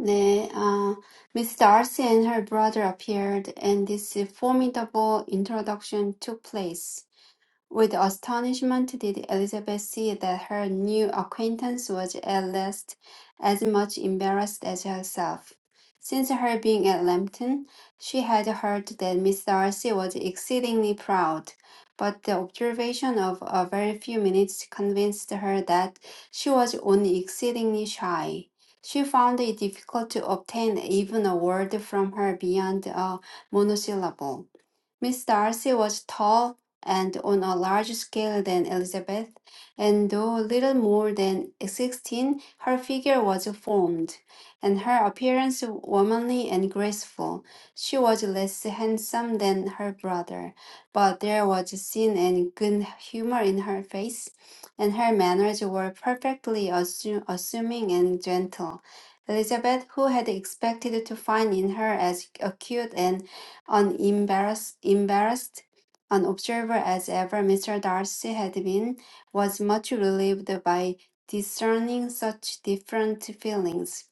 Speaker 2: 네, 아, Miss Darcy and her brother appeared, and this formidable introduction took place. With astonishment did Elizabeth see that her new acquaintance was at least as much embarrassed as herself. Since her being at Lambton, she had heard that Miss Darcy was exceedingly proud, but the observation of a very few minutes convinced her that she was only exceedingly shy. She found it difficult to obtain even a word from her beyond a monosyllable. Miss Darcy was tall and on a larger scale than Elizabeth, and though little more than sixteen, her figure was formed, and her appearance womanly and graceful. She was less handsome than her brother, but there was sin and good humor in her face, and her manners were perfectly assu- assuming and gentle. Elizabeth, who had expected to find in her as acute and unembarrassed, embarrassed, an observer as ever Mr. Darcy had been, was much relieved by discerning such different feelings.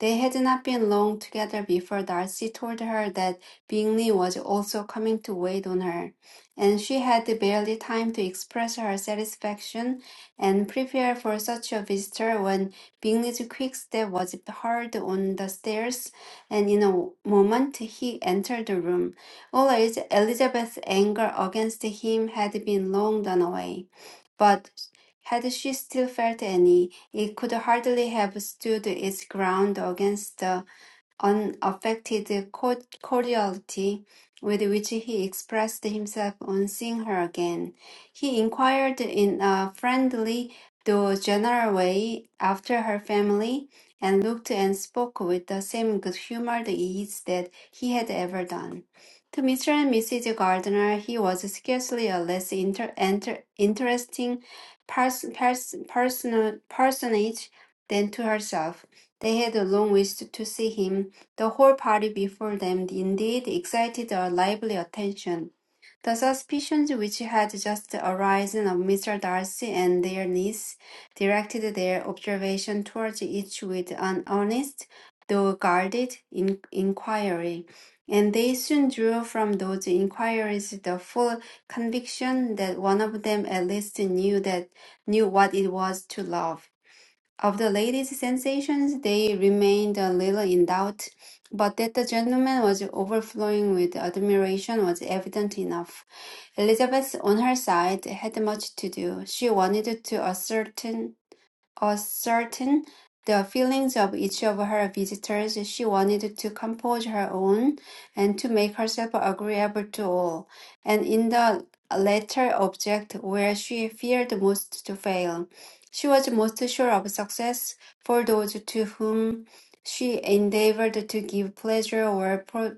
Speaker 2: They had not been long together before Darcy told her that Bingley was also coming to wait on her, and she had barely time to express her satisfaction and prepare for such a visitor when Bingley's quick step was heard on the stairs and in a moment he entered the room. All Elizabeth's anger against him had been long done away, but had she still felt any, it could hardly have stood its ground against the unaffected cord- cordiality with which he expressed himself on seeing her again. He inquired in a friendly though general way after her family, and looked and spoke with the same good humored ease that he had ever done. To Mr. and Mrs. Gardiner, he was scarcely a less inter- enter- interesting pers- pers- personal- personage than to herself. They had long wished to see him, the whole party before them indeed excited a lively attention. The suspicions which had just arisen of Mr. Darcy and their niece directed their observation towards each with an honest, though guarded, in- inquiry, and they soon drew from those inquiries the full conviction that one of them at least knew that knew what it was to love. Of the lady's sensations, they remained a little in doubt, but that the gentleman was overflowing with admiration was evident enough. Elizabeth, on her side, had much to do. She wanted to ascertain ascertain the feelings of each of her visitors, she wanted to compose her own and to make herself agreeable to all, and in the latter object where she feared most to fail. She was most sure of success for those to whom she endeavored to give pleasure were pro-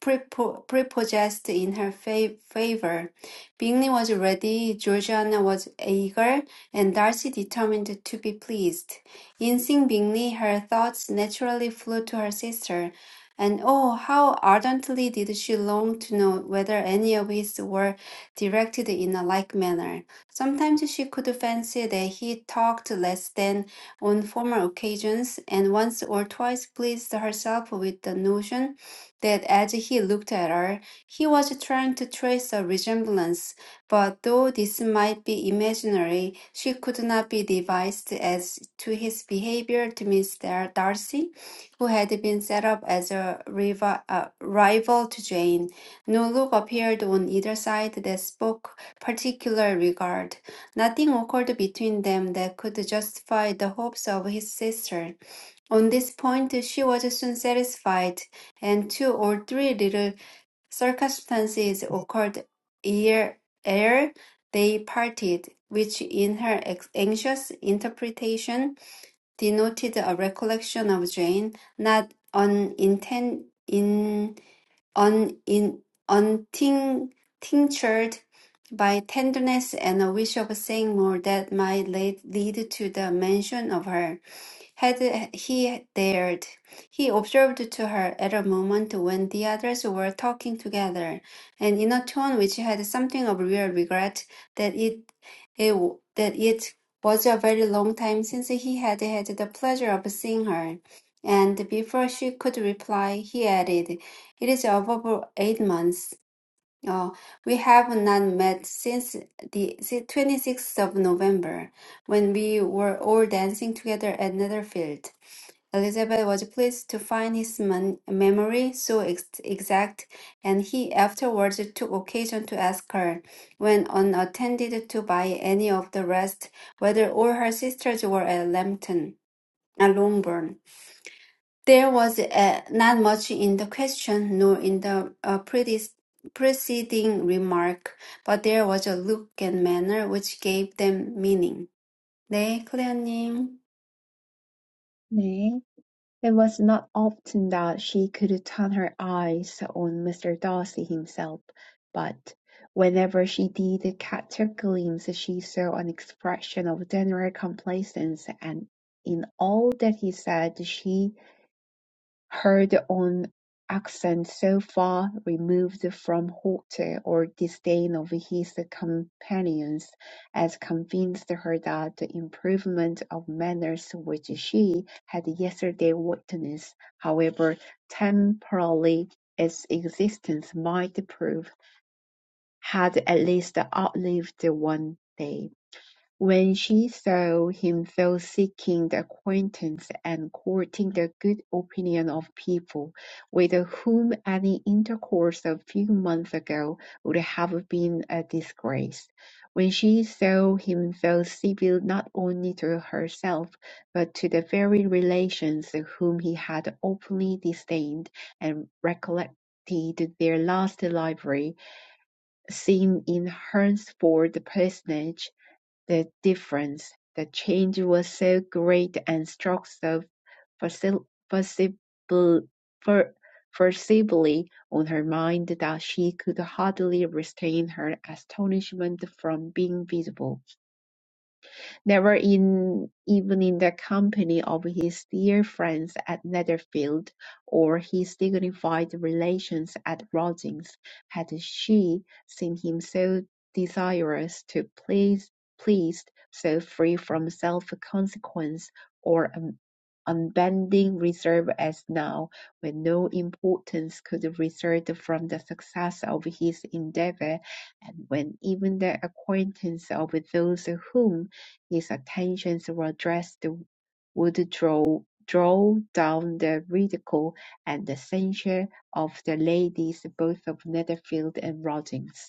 Speaker 2: prepo- prepossessed in her fa- favor. Bingley was ready, Georgiana was eager, and Darcy determined to be pleased. Instinctively, her thoughts naturally flew to her sister, and oh, how ardently did she long to know whether any of his were directed in a like manner. Sometimes she could fancy that he talked less than on former occasions, and once or twice pleased herself with the notion that as he looked at her, he was trying to trace a resemblance but though this might be imaginary, she could not be devised as to his behavior to Miss Dar- Darcy, who had been set up as a rival, uh, rival to Jane. No look appeared on either side that spoke particular regard. Nothing occurred between them that could justify the hopes of his sister. On this point, she was soon satisfied, and two or three little Circumstances occurred ere ere they parted, which in her ex- anxious interpretation denoted a recollection of Jane, not uninten- in, un, in, untinctured by tenderness and a wish of saying more that might lead, lead to the mention of her. Had uh, he dared, he observed to her at a moment when the others were talking together, and in a tone which had something of real regret that it, it that it was a very long time since he had had the pleasure of seeing her. And before she could reply, he added, "It is above eight months." Oh, we have not met since the si- 26th of November, when we were all dancing together at Netherfield. Elizabeth was pleased to find his mon- memory so ex- exact, and he afterwards took occasion to ask her, when unattended to by any of the rest, whether all her sisters were at Lambton, at Longbourn. There was uh, not much in the question nor in the uh, predis- preceding remark, but there was a look and manner which gave them meaning. 네, 클레어님.
Speaker 3: 네. It was not often that she could turn her eyes on Mr. Darcy himself, but whenever she did catch a glimpse she saw an expression of general complacence, and in all that he said she Heard on accent so far removed from hauteur or disdain of his companions as convinced her that the improvement of manners which she had yesterday witnessed, however temporarily its existence might prove, had at least outlived one day. When she saw him thus seeking the acquaintance and courting the good opinion of people, with whom any intercourse a few months ago would have been a disgrace, when she saw him thus civil not only to herself, but to the very relations whom he had openly disdained, and recollected their last library seeing in Hernsford the personage the difference, the change was so great and struck so forcibly on her mind that she could hardly restrain her astonishment from being visible never in even in the company of his dear friends at Netherfield or his dignified relations at Rogings had she seen him so desirous to please, pleased, so free from self-consequence or un- unbending reserve as now, when no importance could result from the success of his endeavour, and when even the acquaintance of those whom his attentions were addressed would draw draw down the ridicule and the censure of the ladies both of Netherfield and Rothes.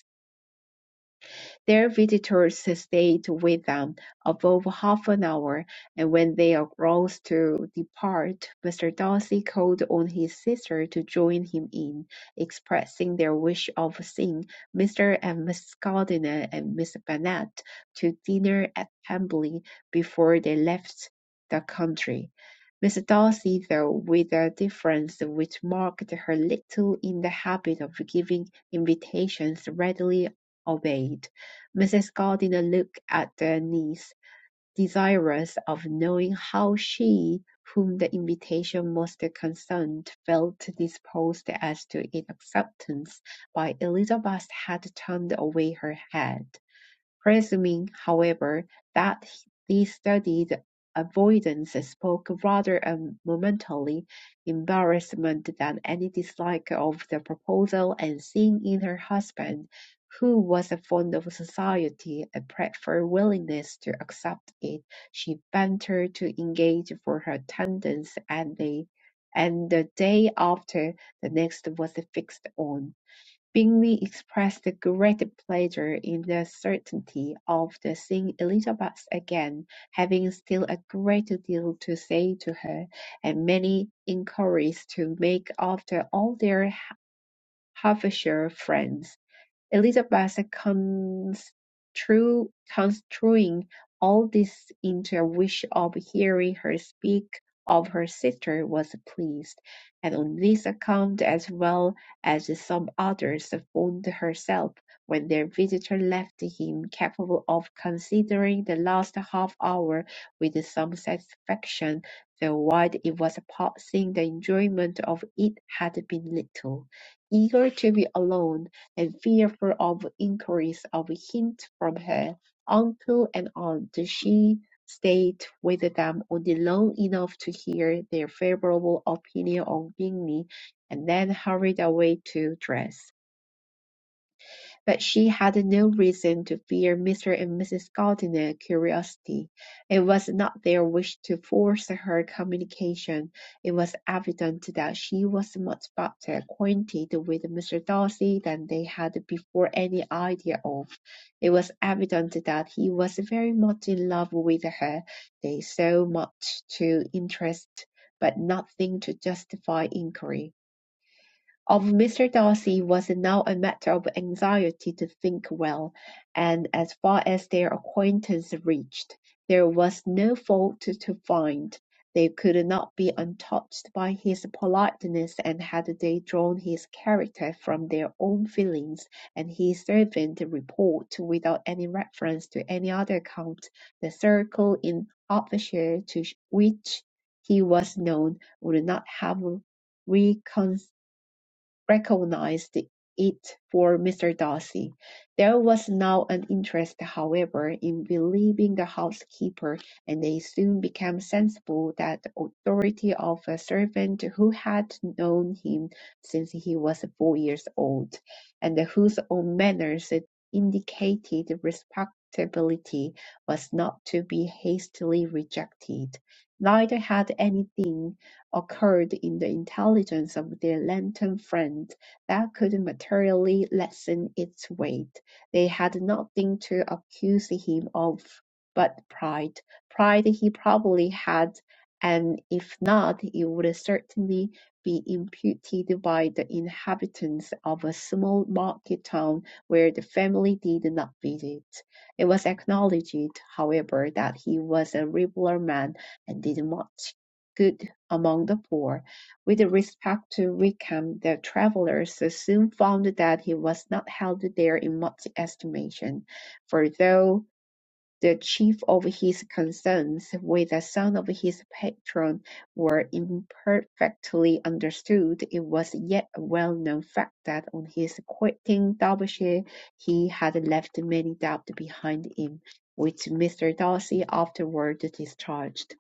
Speaker 3: Their visitors stayed with them above half an hour, and when they arose to depart, Mr. Darcy called on his sister to join him in expressing their wish of seeing Mr. and Mrs. Gardiner and Miss Bennet to dinner at Pemberley before they left the country. Miss Darcy, though with a difference which marked her little in the habit of giving invitations, readily obeyed. Mrs. Gardiner looked at their niece, desirous of knowing how she, whom the invitation most concerned, felt disposed as to its acceptance; but Elizabeth had turned away her head. Presuming, however, that these studied avoidance spoke rather a momentary embarrassment than any dislike of the proposal and seeing in her husband, who was fond of society, a preferred willingness to accept it, she ventured to engage for her attendance and the and the day after the next was fixed on. Bingley expressed great pleasure in the certainty of seeing Elizabeth again, having still a great deal to say to her, and many inquiries to make after all their Hertfordshire friends. Elizabeth constru- construing all this into a wish of hearing her speak of her sister was pleased, and on this account as well as some others found herself, when their visitor left him, capable of considering the last half hour with some satisfaction, though while it was passing the enjoyment of it had been little. Eager to be alone, and fearful of inquiries of hint from her uncle and aunt, she stayed with them only long enough to hear their favorable opinion on Bingley, and then hurried away to dress. But she had no reason to fear Mr. and Mrs. Gardiner's curiosity. It was not their wish to force her communication. It was evident that she was much better acquainted with Mr. Darcy than they had before any idea of. It was evident that he was very much in love with her. They saw much to interest, but nothing to justify inquiry. Of Mr. Darcy was now a matter of anxiety to think well, and as far as their acquaintance reached, there was no fault to find. They could not be untouched by his politeness, and had they drawn his character from their own feelings and his servant report without any reference to any other account, the circle in Hertfordshire to which he was known would not have reconciled recognized it for Mr. Darcy. There was now an interest, however, in believing the housekeeper, and they soon became sensible that the authority of a servant who had known him since he was four years old, and whose own manners indicated respectability, was not to be hastily rejected. Neither had anything occurred in the intelligence of their lantern friend that could materially lessen its weight. They had nothing to accuse him of but pride. Pride he probably had, and if not, it would certainly be imputed by the inhabitants of a small market town where the family did not visit. It was acknowledged, however, that he was a regular man and did much good among the poor. With respect to Wickham, the travellers soon found that he was not held there in much estimation, for though the chief of his concerns with the son of his patron were imperfectly understood, it was yet a well-known fact that on his quitting Derbyshire he had left many debts behind him, which Mr. Darcy afterward discharged.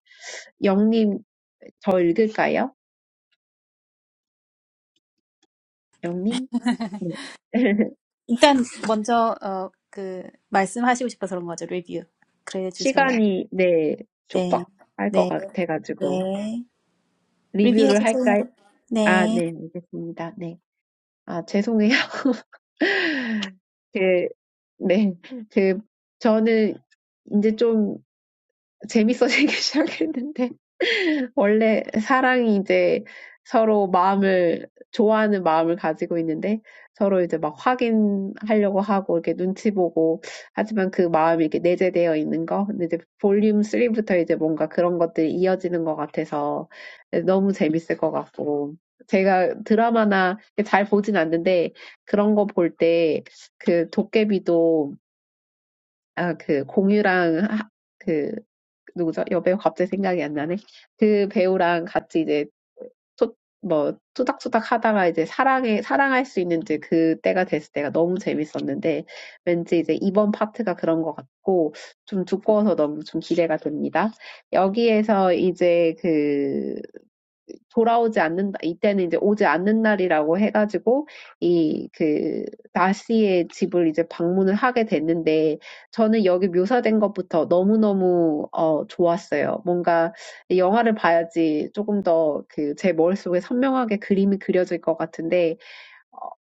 Speaker 3: 영님, 더 읽을까요? 영님? 네.
Speaker 1: 일단 먼저 어, 그 말씀하시고 싶어서 그런 거죠 리뷰 그래 주세요.
Speaker 3: 시간이, 네,
Speaker 1: 네,
Speaker 3: 촉박할 것
Speaker 1: 네,
Speaker 3: 같아가지고.
Speaker 1: 네 리뷰해
Speaker 3: 리뷰를
Speaker 1: 주세요.
Speaker 3: 할까요? 아,
Speaker 1: 네,
Speaker 3: 네, 알겠습니다. 네. 아, 죄송해요. 그, 네. 그, 저는 이제 좀 재밌어지기 시작했는데. 원래 사랑이 이제 서로 마음을, 좋아하는 마음을 가지고 있는데 서로 이제 막 확인하려고 하고 이렇게 눈치 보고 하지만 그 마음이 이렇게 내재되어 있는 거. 근데 이제 볼륨 3부터 이제 뭔가 그런 것들이 이어지는 것 같아서 너무 재밌을 것 같고. 제가 드라마나 잘 보진 않는데 그런 거볼때그 도깨비도 아, 그 공유랑 하- 그 누구죠? 여배우 갑자기 생각이 안 나네. 그 배우랑 같이 이제 소, 뭐 투닥투닥 하다가 이제 사랑에 사랑할 수 있는 이제 그 때가 됐을 때가 너무 재밌었는데 왠지 이제 이번 파트가 그런 것 같고 좀 두꺼워서 너무 좀 기대가 됩니다. 여기에서 이제 그 돌아오지 않는다. 이때는 이제 오지 않는 날이라고 해가지고 이 그 나씨의 집을 이제 방문을 하게 됐는데 저는 여기 묘사된 것부터 너무너무 어 좋았어요. 뭔가 영화를 봐야지 조금 더그제 머릿속에 선명하게 그림이 그려질 것 같은데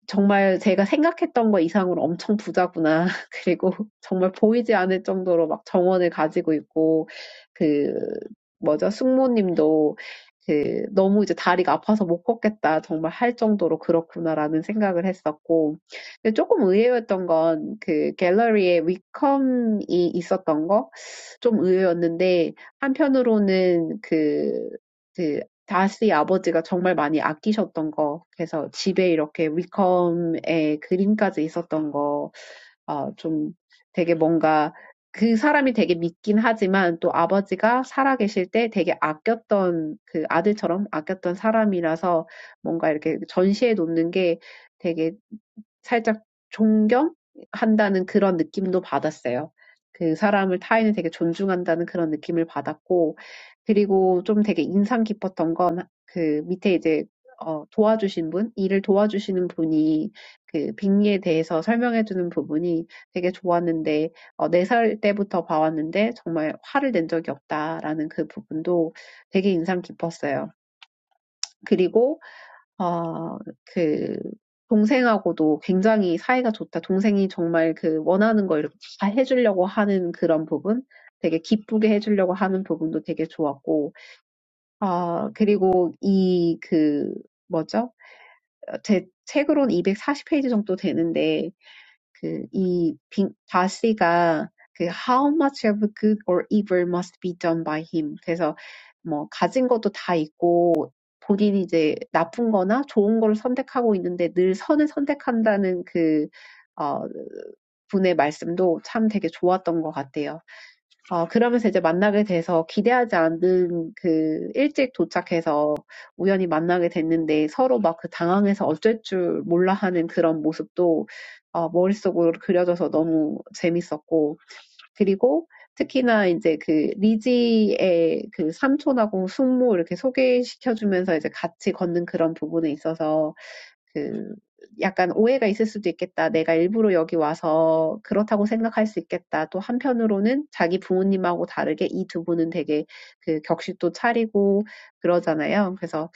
Speaker 3: 정말 제가 생각했던 것 이상으로 엄청 부자구나. 그리고 정말 보이지 않을 정도로 막 정원을 가지고 있고 그 뭐죠? 숙모님도 그 너무 이제 다리가 아파서 못 걷겠다. 정말 할 정도로 그렇구나라는 생각을 했었고. 근데 조금 의외였던 건그 갤러리에 위컴이 있었던 거좀 의외였는데 한편으로는 그 그, 다시 아버지가 정말 많이 아끼셨던 거 그래서 집에 이렇게 위컴의 그림까지 있었던 거 어, 좀 되게 뭔가 그 사람이 되게 믿긴 하지만 또 아버지가 살아계실 때 되게 아꼈던 그 아들처럼 아꼈던 사람이라서 뭔가 이렇게 전시해 놓는 게 되게 살짝 존경한다는 그런 느낌도 받았어요. 그 사람을 타인을 되게 존중한다는 그런 느낌을 받았고 그리고 좀 되게 인상 깊었던 건그 밑에 이제 어, 도와주신 분, 일을 도와주시는 분이 그 빅리에 대해서 설명해 주는 부분이 되게 좋았는데 어, 네살 때부터 봐왔는데 정말 화를 낸 적이 없다라는 그 부분도 되게 인상 깊었어요. 그리고 아그 동생하고도 굉장히 사이가 좋다. 동생이 정말 그 원하는 거 이렇게 다 해주려고 하는 그런 부분, 되게 기쁘게 해주려고 하는 부분도 되게 좋았고, 아 그리고 이그 뭐죠? 제 책으로는 240 페이지 정도 되는데 that is how much of good or evil must be done by him. So, what he has, he has. He has everything. He is choosing good or bad. He is choosing good. He is choosing good. He is choosing good. 어, 그러면서 이제 만나게 돼서 기대하지 않은 그 일찍 도착해서 우연히 만나게 됐는데 서로 막그 당황해서 어쩔 줄 몰라 하는 그런 모습도 어, 머릿속으로 그려져서 너무 재밌었고 그리고 특히나 이제 그 리지의 그 삼촌하고 숙모 이렇게 소개시켜주면서 이제 같이 걷는 그런 부분에 있어서 그 약간 오해가 있을 수도 있겠다. 내가 일부러 여기 와서 그렇다고 생각할 수 있겠다. 또 한편으로는 자기 부모님하고 다르게 이두 분은 되게 그 격식도 차리고 그러잖아요. 그래서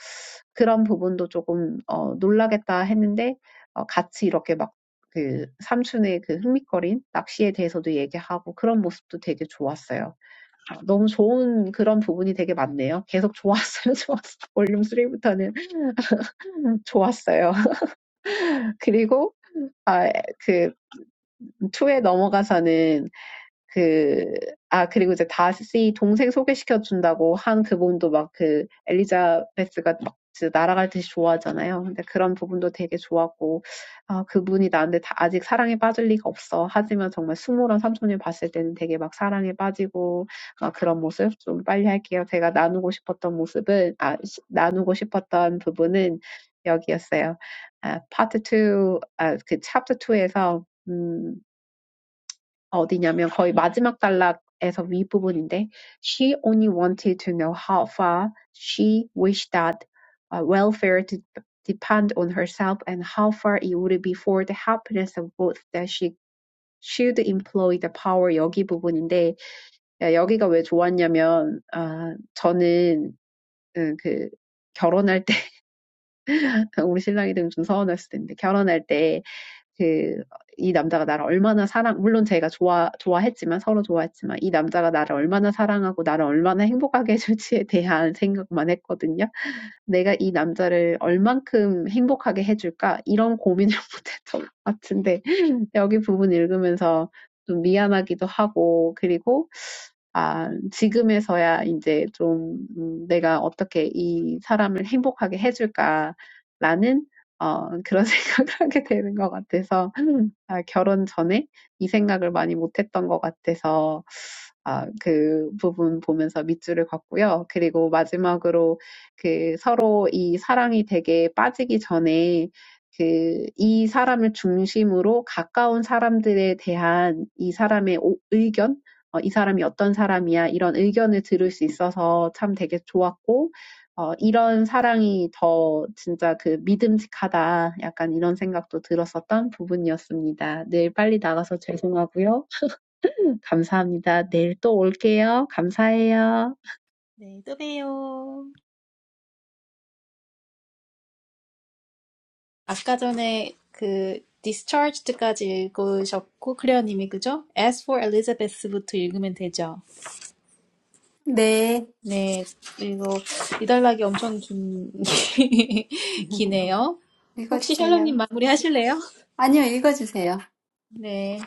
Speaker 3: 그런 부분도 조금 어, 놀라겠다 했는데 어, 같이 이렇게 막 그 삼촌의 그 흥미거린 낚시에 대해서도 얘기하고 그런 모습도 되게 좋았어요. 어, 너무 좋은 그런 부분이 되게 많네요. 계속 좋았어요, 좋았어. 볼륨 3부터는 좋았어요. 그리고 아, 그, 2에 넘어가서는 그, 아, 그리고 이제 다시 동생 소개시켜준다고 한 그분도 막그 엘리자베스가 막 진짜 날아갈 듯이 좋아하잖아요. 근데 그런 부분도 되게 좋았고, 아, 그분이 나한테 다 아직 사랑에 빠질 리가 없어. 하지만 정말 숙모랑 삼촌을 봤을 때는 되게 막 사랑에 빠지고, 막 그런 모습 좀 빨리 할게요. 제가 나누고 싶었던 모습은, 아, 시- 나누고 싶었던 부분은 여기였어요. 아, 파트 2, 아, 그 챕터 2에서, 어디냐면 거의 마지막 단락에서 윗부분인데 she only wanted to know how far she wished that uh, welfare to depend on herself and how far it would be for the happiness of both that she should employ the power 여기 부분인데 야, 여기가 왜 좋았냐면 아 저는 음, 그 결혼할 때 우리 신랑이 되면 좀 서운했을 텐데 결혼할 때 그 이 남자가 나를 얼마나 사랑 물론 제가 좋아 좋아했지만 서로 좋아했지만 이 남자가 나를 얼마나 사랑하고 나를 얼마나 행복하게 해줄지에 대한 생각만 했거든요. 내가 이 남자를 얼만큼 행복하게 해줄까 이런 고민을 못했던 것 같은데 여기 부분 읽으면서 좀 미안하기도 하고, 그리고, 아, 지금에서야 이제 좀 음, 내가 어떻게 이 사람을 행복하게 해줄까라는 어, 그런 생각을 하게 되는 것 같아서, 아, 결혼 전에 이 생각을 많이 못했던 것 같아서, 아, 그 부분 보면서 밑줄을 걷고요. 그리고 마지막으로 그 서로 이 사랑이 되게 빠지기 전에 그 이 사람을 중심으로 가까운 사람들에 대한 이 사람의 오- 의견, 어, 이 사람이 어떤 사람이야 이런 의견을 들을 수 있어서 참 되게 좋았고 어, 이런 사랑이 더 진짜 그 믿음직하다 약간 이런 생각도 들었었던 부분이었습니다. 늘 빨리 나가서 죄송하고요. 감사합니다. 내일 또 올게요. 감사해요.
Speaker 1: 네, 또 봬요. 아까 전에 그 discharged까지 읽으셨고 클레어님이 그죠? As for Elizabeth부터 읽으면 되죠.
Speaker 2: 네.
Speaker 1: 네, 이거 이달락이 엄청 긴 기네요. 혹시 샬롯님
Speaker 2: 읽어주세요.
Speaker 1: 마무리 하실래요?
Speaker 2: 아니요, 읽어주세요.
Speaker 1: 네.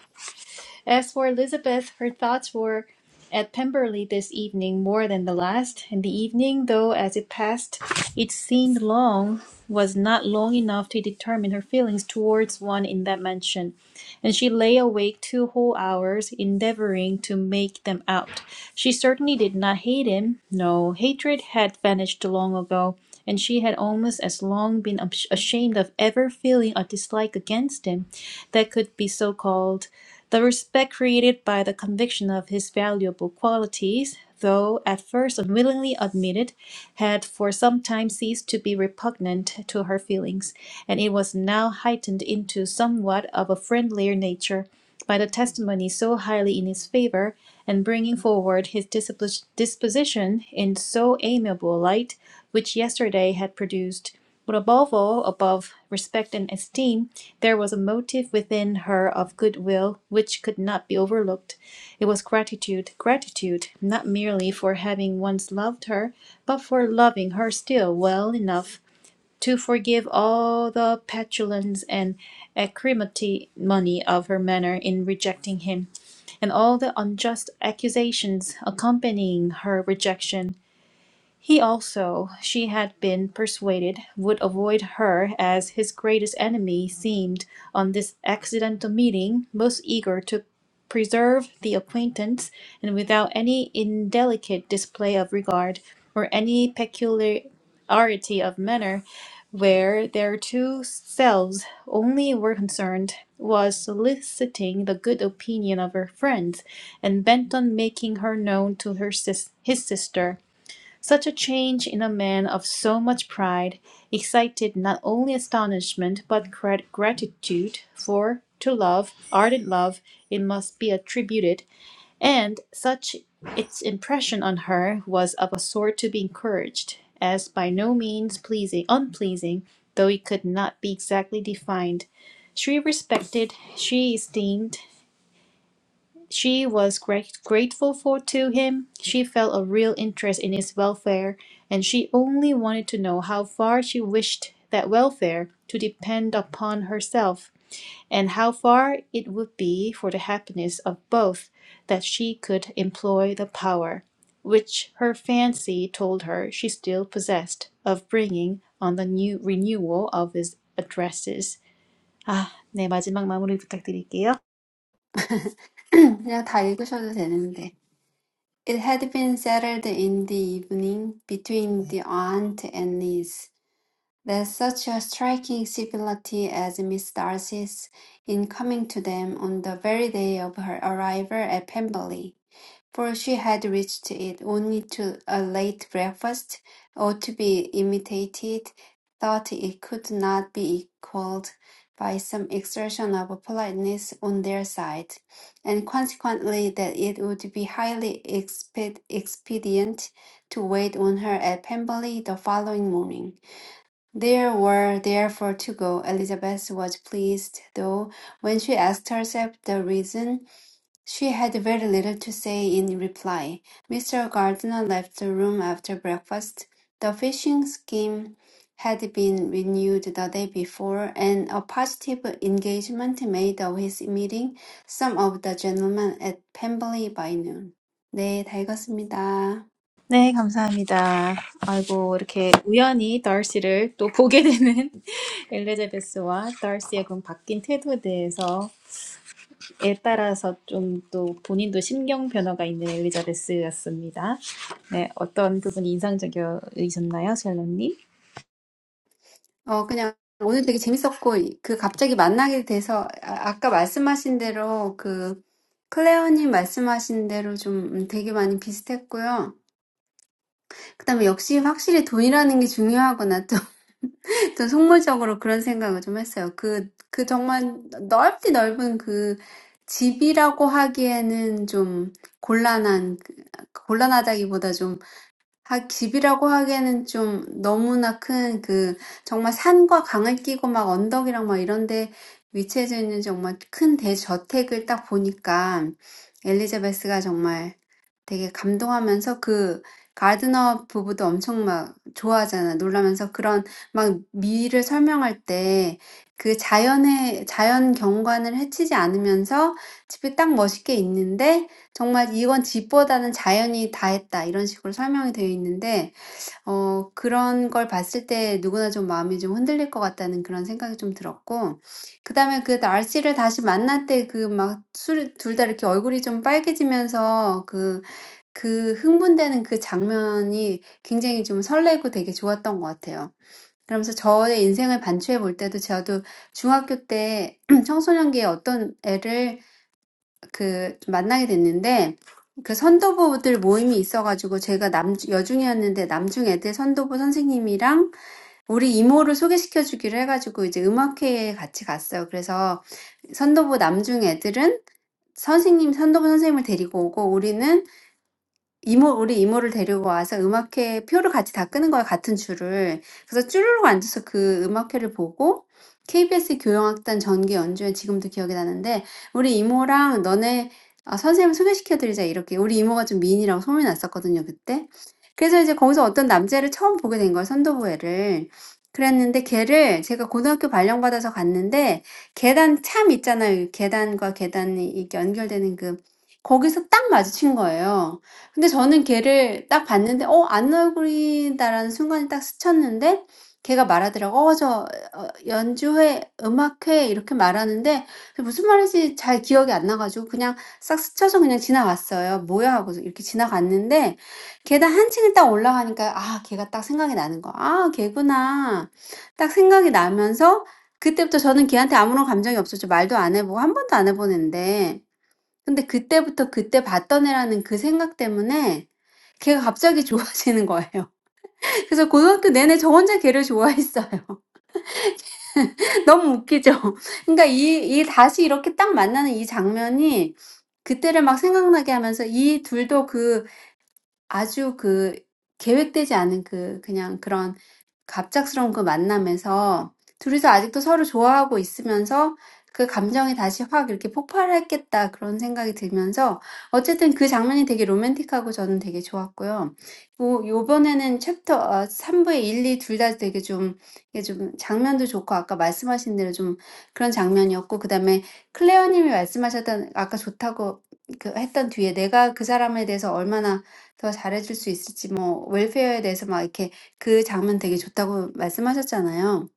Speaker 1: As for Elizabeth, her thoughts were at Pemberley this evening more than the last, and the evening, though as it passed it seemed long, was not long enough to determine her feelings towards one in that mansion, and she lay awake two whole hours, endeavouring to make them out. She certainly did not hate him. No, hatred had vanished long ago, and she had almost as long been ash- ashamed of ever feeling a dislike against him that could be so called. The respect created by the conviction of his valuable qualities, though at first unwillingly admitted, had for some time ceased to be repugnant to her feelings, and it was now heightened into somewhat of a friendlier nature by the testimony so highly in his favor, and bringing forward his dispos- disposition in so amiable a light, which yesterday had produced. But above all, above respect and esteem, there was a motive within her of goodwill which could not be overlooked. It was gratitude, gratitude, not merely for having once loved her, but for loving her still well enough to forgive all the petulance and acrimony of her manner in rejecting him, and all the unjust accusations accompanying her rejection. He also, she had been persuaded, would avoid her as his greatest enemy seemed, on this accidental meeting, most eager to preserve the acquaintance, and without any indelicate display of regard, or any peculiarity of manner, where their two selves only were concerned, was soliciting the good opinion of her friends, and bent on making her known to her sis- his sister such a change in a man of so much pride excited not only astonishment but gratitude, for to love, ardent love, it must be attributed, and such its impression on her was of a sort to be encouraged, as by no means pleasing, unpleasing, though it could not be exactly defined. She respected, she esteemed, she was grate- grateful for to him. She felt a real interest in his welfare, and she only wanted to know how far she wished that welfare to depend upon herself, and how far it would be for the happiness of both that she could employ the power, which her fancy told her she still possessed, of bringing on the new renewal of his addresses. 아, 네 마지막 마무리 부탁드릴게요.
Speaker 2: 그냥 다 읽으셔도 되는데. It had been settled in the evening between the aunt and niece. There's such a striking civility as Miss Darcy's in coming to them on the very day of her arrival at Pemberley, for she had reached it only to a late breakfast, or to be imitated, thought it could not be equalled by some exertion of politeness on their side, and consequently that it would be highly exped- expedient to wait on her at Pemberley the following morning. There were therefore to go. Elizabeth was pleased, though, when she asked herself the reason, she had very little to say in reply. Mr. Gardiner left the room after breakfast. The fishing scheme had been renewed the day before, and a positive engagement made of his meeting some of the gentlemen at Pemberley by noon. 네, 다 읽었습니다.
Speaker 1: 네, 감사합니다. 아이고, 이렇게 우연히 더시를 또 보게 되는 엘리자베스와 더시의 그 바뀐 태도에 대해서에 따라서 좀 또 본인도 심경 변화가 있는 엘리자베스였습니다. 네, 어떤 부분이 인상적이셨나요, 샬롯님?
Speaker 2: 어, 그냥 오늘 되게 재밌었고, 이- 그 갑자기 만나게 돼서, 아, 아까 말씀하신 대로, 그, 클레어님 말씀하신 대로 좀 음, 되게 많이 비슷했고요. 그다음에 역시 확실히 돈이라는 게 중요하구나. 또, 또 속물적으로 그런 생각을 좀 했어요. 그, 그 정말 넓디 넓은 그 집이라고 하기에는 좀 곤란한, 그- 곤란하다기보다 좀 아, 집이라고 하기에는 좀 너무나 큰 그, 정말 산과 강을 끼고 막 언덕이랑 막 이런 데 위치해져 있는 정말 큰 대저택을 딱 보니까 엘리자베스가 정말 되게 감동하면서 그 가드너 부부도 엄청 막 좋아하잖아. 놀라면서 그런 막 미를 설명할 때 그 자연의 자연 경관을 해치지 않으면서 집이 딱 멋있게 있는데 정말 이건 집보다는 자연이 다 했다. 이런 식으로 설명이 되어 있는데 어 그런 걸 봤을 때 누구나 좀 마음이 좀 흔들릴 것 같다는 그런 생각이 좀 들었고 그다음에 그 날씨를 다시 만날 때 그 막 술 둘 다 이렇게 얼굴이 좀 빨개지면서 그 그 흥분되는 그 장면이 굉장히 좀 설레고 되게 좋았던 것 같아요. 그러면서 저의 인생을 반추해 볼 때도 저도 중학교 때 청소년기에 어떤 애를 그 만나게 됐는데 그 선도부들 모임이 있어가지고 제가 남, 여중이었는데 남중 애들 선도부 선생님이랑 우리 이모를 소개시켜 주기로 해가지고 이제 음악회에 같이 갔어요. 그래서 선도부 남중 애들은 선생님, 선도부 선생님을 데리고 오고 우리는 이모, 우리 이모를 데리고 와서 음악회 표를 같이 다 끄는 거야, 같은 줄을. 그래서 쭈르륵 앉아서 그 음악회를 보고 KBS 교향악단 전기 연주회 지금도 기억이 나는데 우리 이모랑 너네 아, 선생님 소개시켜드리자 이렇게 우리 이모가 좀 미인이라고 소문이 났었거든요, 그때. 그래서 이제 거기서 어떤 남자를 처음 보게 된 거예요, 선도부회를. 그랬는데 걔를 제가 고등학교 발령받아서 갔는데 계단 참 있잖아요. 계단과 계단이 이렇게 연결되는 그 거기서 딱 마주친 거예요. 근데 저는 걔를 딱 봤는데 '어 안 얼굴이다.'라는 순간에 딱 스쳤는데 걔가 말하더라고요. "어 저 어 연주회, 음악회." 이렇게 말하는데 그 무슨 말인지 잘 기억이 안 나 가지고 그냥 싹 스쳐서 그냥 지나갔어요. "뭐야?" 하고서 이렇게 지나갔는데 계단 한 층을 딱 올라가니까 아 걔가 딱 생각이 나는 거야. '아 걔구나.' 딱 생각이 나면서 그때부터 저는 걔한테 아무런 감정이 없었죠. 말도 안 해 보고 1 번도 안 해 본 앤데 근데 그때부터 그때 봤던 애라는 그 생각 때문에 걔가 갑자기 좋아지는 거예요. 그래서 고등학교 내내 저 혼자 걔를 좋아했어요. 너무 웃기죠? 그러니까 이, 이 다시 이렇게 딱 만나는 이 장면이 그때를 막 생각나게 하면서 이 둘도 그 아주 그 계획되지 않은 그 그냥 그런 갑작스러운 그 만남에서 둘이서 아직도 서로 좋아하고 있으면서 그 감정이 다시 확 이렇게 폭발했겠다 그런 생각이 들면서 어쨌든 그 장면이 되게 로맨틱하고 저는 되게 좋았고요. 뭐 요번에는 챕터 어, 3부의 1, 2둘다 되게 좀 이게 좀 장면도 좋고 아까 말씀하신 대로 좀 그런 장면이었고 그다음에 클레어 님이 말씀하셨던 아까 좋다고 그 했던 뒤에 내가 그 사람에 대해서 얼마나 더 잘해줄 수 있을지 뭐 웰페어에 대해서 막 이렇게 그 장면 되게 좋다고 말씀하셨잖아요.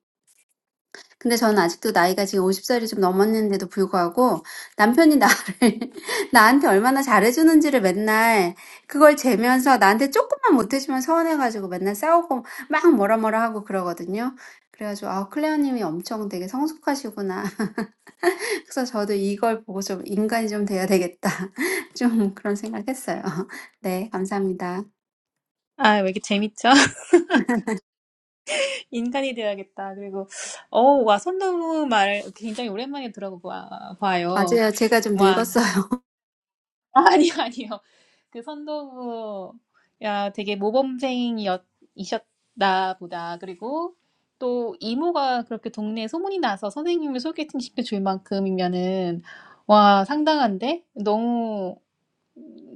Speaker 2: 근데 저는 아직도 나이가 지금 50살이 좀 넘었는데도 불구하고 남편이 나를, 나한테 얼마나 잘해주는지를 맨날 그걸 재면서 나한테 조금만 못해주면 서운해가지고 맨날 싸우고 막 뭐라 뭐라 하고 그러거든요. 그래가지고, 아, 클레어님이 엄청 되게 성숙하시구나. 그래서 저도 이걸 보고 좀 인간이 좀 돼야 되겠다. 좀 그런 생각했어요. 네, 감사합니다.
Speaker 1: 아, 왜 이렇게 재밌죠? 인간이 되어야겠다. 그리고, 어, 와, 선도부 말 굉장히 오랜만에 들어봐요.
Speaker 2: 맞아요. 제가 좀
Speaker 1: 와,
Speaker 2: 늙었어요.
Speaker 1: 아니, 아니요. 그 선도부 야 되게 모범생이셨나 보다. 그리고 또 이모가 그렇게 동네에 소문이 나서 선생님을 소개팅 시켜줄 만큼이면은 와, 상당한데? 너무,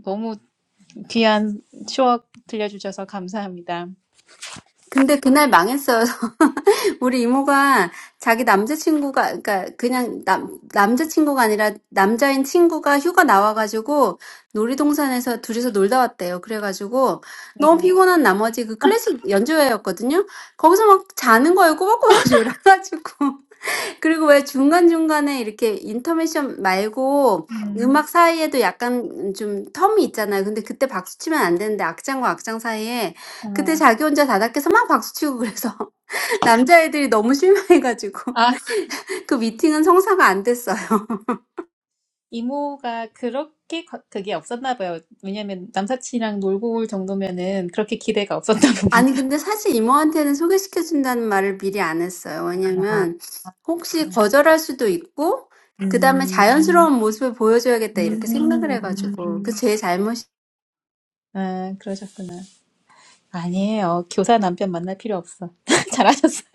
Speaker 1: 너무 귀한 추억 들려주셔서 감사합니다.
Speaker 2: 근데 그날 망했어요. 우리 이모가 자기 남자친구가, 그러니까 그냥 남, 남자친구가 아니라 남자인 친구가 휴가 나와가지고 놀이동산에서 둘이서 놀다 왔대요. 그래가지고
Speaker 1: 네.
Speaker 2: 너무 피곤한 나머지 그 클래식 연주회였거든요. 거기서 막 자는 거예요. 꼬박꼬박 졸아가지고. 그리고 왜 중간중간에 이렇게 인터미션 말고
Speaker 1: 음,
Speaker 2: 음악 사이에도 약간 좀 텀이 있잖아요. 근데 그때 박수 치면 안 되는데 악장과 악장 사이에
Speaker 1: 어.
Speaker 2: 그때 자기 혼자 다닥해서 막 박수 치고 그래서 남자애들이 너무 실망해가지고
Speaker 1: 아,
Speaker 2: 그 미팅은 성사가 안 됐어요.
Speaker 1: 이모가 그렇게 거- 그게 없었나 봐요. 왜냐면 남사친이랑 놀고 올 정도면은 그렇게 기대가 없었나
Speaker 2: 아니
Speaker 1: 봅니다.
Speaker 2: 근데 사실 이모한테는 소개시켜 준다는 말을 미리 안 했어요. 왜냐면 혹시 거절할 수도 있고 그다음에
Speaker 1: 음,
Speaker 2: 자연스러운 모습을 보여줘야겠다 이렇게 생각을 해가지고
Speaker 1: 음.
Speaker 2: 그 그제
Speaker 1: 아, 그러셨구나. 아니에요. 교사 남편 만날 필요 없어. 잘하셨어요.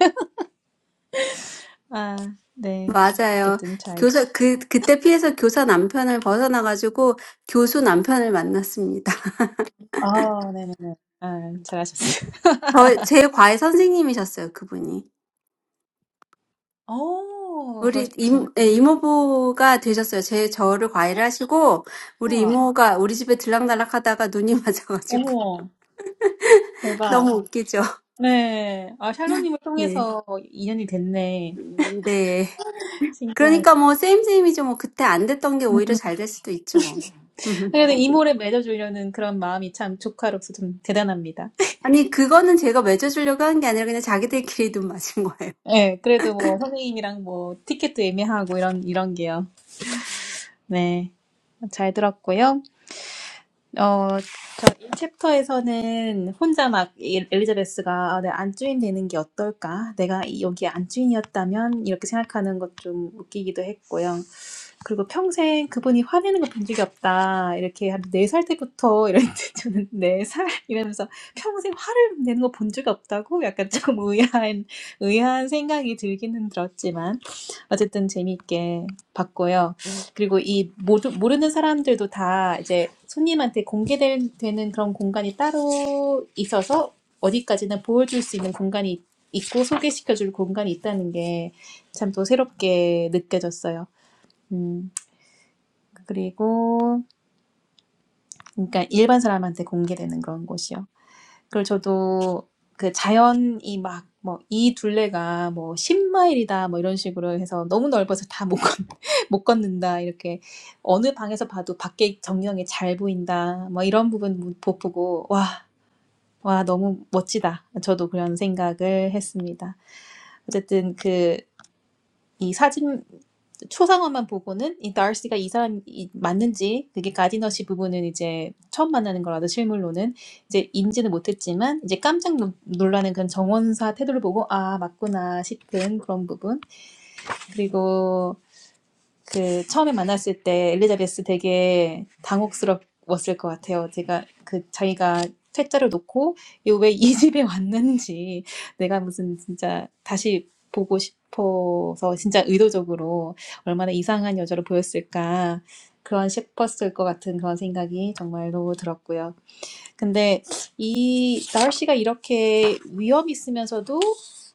Speaker 1: 아, 네.
Speaker 2: 맞아요.
Speaker 1: 어쨌든 잘.
Speaker 2: 교사, 그, 그때 피해서 교사 남편을 벗어나가지고 교수 남편을 만났습니다.
Speaker 1: 아, 네네네. 아, 잘하셨어요.
Speaker 2: 저, 제 과외 선생님이셨어요, 그분이.
Speaker 1: 오,
Speaker 2: 우리 임,
Speaker 1: 그러셨구나.
Speaker 2: 예, 이모부가 되셨어요. 제, 저를 과외를 하시고, 우리
Speaker 1: 우와.
Speaker 2: 이모가 우리 집에 들락날락 하다가 눈이 맞아가지고.
Speaker 1: 어머,
Speaker 2: 너무
Speaker 1: 대박.
Speaker 2: 웃기죠.
Speaker 1: 네. 아, 샬로님을
Speaker 2: 네.
Speaker 1: 통해서 인연이 됐네.
Speaker 2: 음, 네.
Speaker 1: 신기하네.
Speaker 2: 그러니까 뭐, 쌤쌤이죠. 뭐, 그때 안 됐던 게 오히려
Speaker 1: 음.
Speaker 2: 잘 될 수도 있죠, 뭐.
Speaker 1: 그래도 이모를 맺어주려는 그런 마음이 참 조카로서 좀 대단합니다.
Speaker 2: 아니, 그거는 제가 맺어주려고 한 게 아니라 그냥 자기들끼리 눈 맞은 거예요.
Speaker 1: 네, 그래도 뭐 선생님이랑 뭐 티켓도 예매하고 이런, 이런 게요. 네. 잘 들었고요. 어, 저이 챕터에서는 혼자 막 이- 엘리자베스가 아, 내가 안주인 되는 게 어떨까? 내가 이- 여기 안주인이었다면 이렇게 생각하는 것 좀 웃기기도 했고요. 그리고 평생 그분이 화내는 거 본 적이 없다. 이렇게 한 네 살 때부터 이랬는데 저는 네 살 이러면서 평생 화를 내는 거 본 적이 없다고 약간 조금 의아한, 의아한 생각이 들기는 들었지만 어쨌든 재미있게 봤고요. 그리고 이 모두, 모르는 사람들도 다 이제 손님한테 공개되는 그런 공간이 따로 있어서 어디까지나 보여줄 수 있는 공간이 있고 소개시켜줄 공간이 있다는 게 참 또 새롭게 느껴졌어요. 음, 그리고 그러니까 일반 사람한테 공개되는 그런 곳이요. 그리고 저도 그 자연이 막 뭐 이 둘레가 뭐 십 마일이다 뭐 이런 식으로 해서 너무 넓어서 다 못 못 걷는다 이렇게 어느 방에서 봐도 밖에 전경이 잘 보인다 뭐 이런 부분 못 보고 와, 와 너무 멋지다. 저도 그런 생각을 했습니다. 어쨌든 그 이 사진 초상화만 보고는 이 날씨가 이 사람이 맞는지 그게 가디너시 부분은 이제 처음 만나는 거라서 실물로는 이제 인지는 못했지만 이제 깜짝 놀- 놀라는 그런 정원사 태도를 보고 아 맞구나 싶은 그런 부분 그리고 그 처음에 만났을 때 엘리자베스 되게 당혹스러웠을 것 같아요. 제가 그 자기가 퇴짜를 놓고 왜이 집에 왔는지 내가 무슨 진짜 다시 보고 싶어서 진짜 의도적으로 얼마나 이상한 여자로 보였을까 그런 싶었을 것 같은 그런 생각이 정말로 들었고요. 근데 이 날씨가 이렇게 위험 있으면서도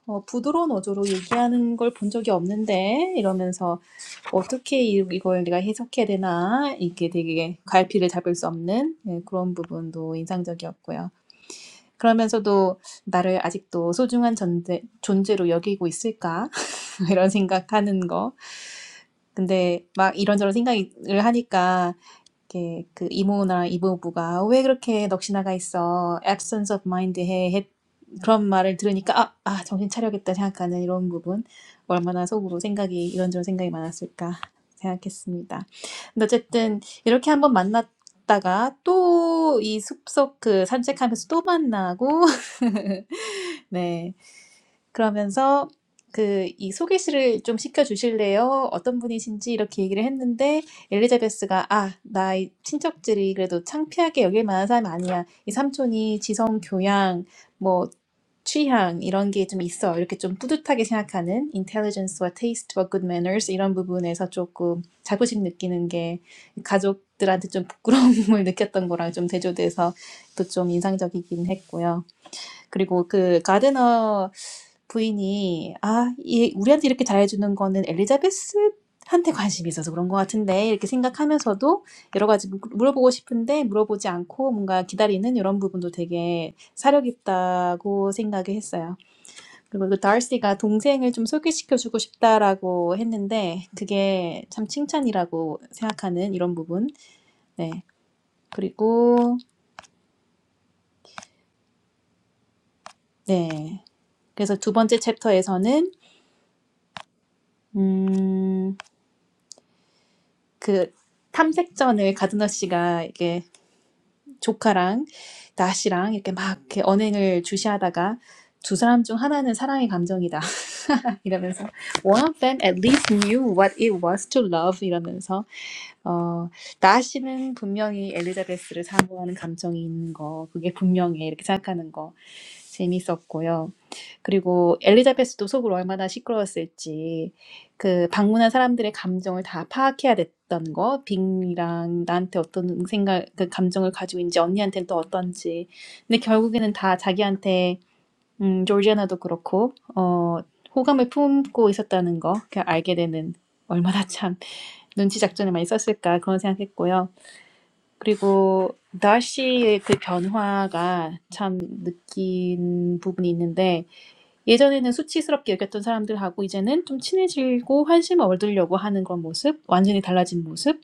Speaker 1: 어, 부드러운 어조로 얘기하는 걸본 적이 없는데 이러면서 어떻게 이- 이걸 내가 해석해야 되나 이게 되게 갈피를 잡을 수 없는 예, 그런 부분도 인상적이었고요. 그러면서도 나를 아직도 소중한 존재, 존재로 여기고 있을까 이런 생각하는 거 근데 막 이런저런 생각을 하니까 이렇게 그 이모나 이모부가 왜 그렇게 넋이나가 있어? absence of mind 해. 해. 그런 말을 들으니까 아, 아, 정신 차려야겠다 생각하는 이런 부분 얼마나 속으로 생각이 이런저런 생각이 많았을까 생각했습니다. 근데 어쨌든 이렇게 한번 만났다가 또 이 숲속 그 산책하면서 또 만나고 네 그러면서 그 이 소개시를 좀 시켜 주실래요? 어떤 분이신지 이렇게 얘기를 했는데 엘리자베스가 아, 나의 친척들이 그래도 창피하게 여길 만한 사람이 아니야. 이 삼촌이 지성, 교양, 뭐 취향 이런 게 좀 있어. 이렇게 좀 뿌듯하게 생각하는 intelligence와 taste와 good manners 이런 부분에서 조금 자부심 느끼는 게 가족들한테 좀 부끄러움을 느꼈던 거랑 좀 대조돼서 또 좀 인상적이긴 했고요. 그리고 그 가드너 부인이 아, 이 우리한테 이렇게 잘해주는 거는 엘리자베스한테 관심이 있어서 그런 것 같은데 이렇게 생각하면서도 여러 가지 물- 물어보고 싶은데 물어보지 않고 뭔가 기다리는 이런 부분도 되게 사력 있다고 생각을 했어요. 그리고 그 달시가 동생을 좀 소개시켜주고 싶다라고 했는데 그게 참 칭찬이라고 생각하는 이런 부분. 네. 그리고 네. 그래서 두 번째 챕터에서는 음. 그 탐색전을 전에 가드너 씨가 이게 조카랑 나씨랑 이렇게 막 이렇게 언행을 주시하다가 두 사람 중 하나는 사랑의 감정이다 이러면서 one of them at least knew what it was to love 이러면서 어, 나시는 분명히 엘리자베스를 사모하는 감정이 있는 거, 그게 분명해. 이렇게 생각하는 거 재밌었고요. 그리고 엘리자베스도 속으로 얼마나 시끄러웠을지, 그 방문한 사람들의 감정을 다 파악해야 됐던 거, 빅이랑 나한테 어떤 생각, 그 감정을 가지고 있는지, 언니한테는 또 어떤지. 근데 결국에는 다 자기한테, 음, 조지아나도 그렇고, 어, 호감을 품고 있었다는 거, 그냥 알게 되는, 얼마나 참. 눈치 작전을 많이 썼을까 그런 생각했고요. 그리고 날씨의 그 변화가 참 느낀 부분이 있는데 예전에는 수치스럽게 여겼던 사람들하고 이제는 좀 친해지고 환심을 얻으려고 하는 그런 모습, 완전히 달라진 모습,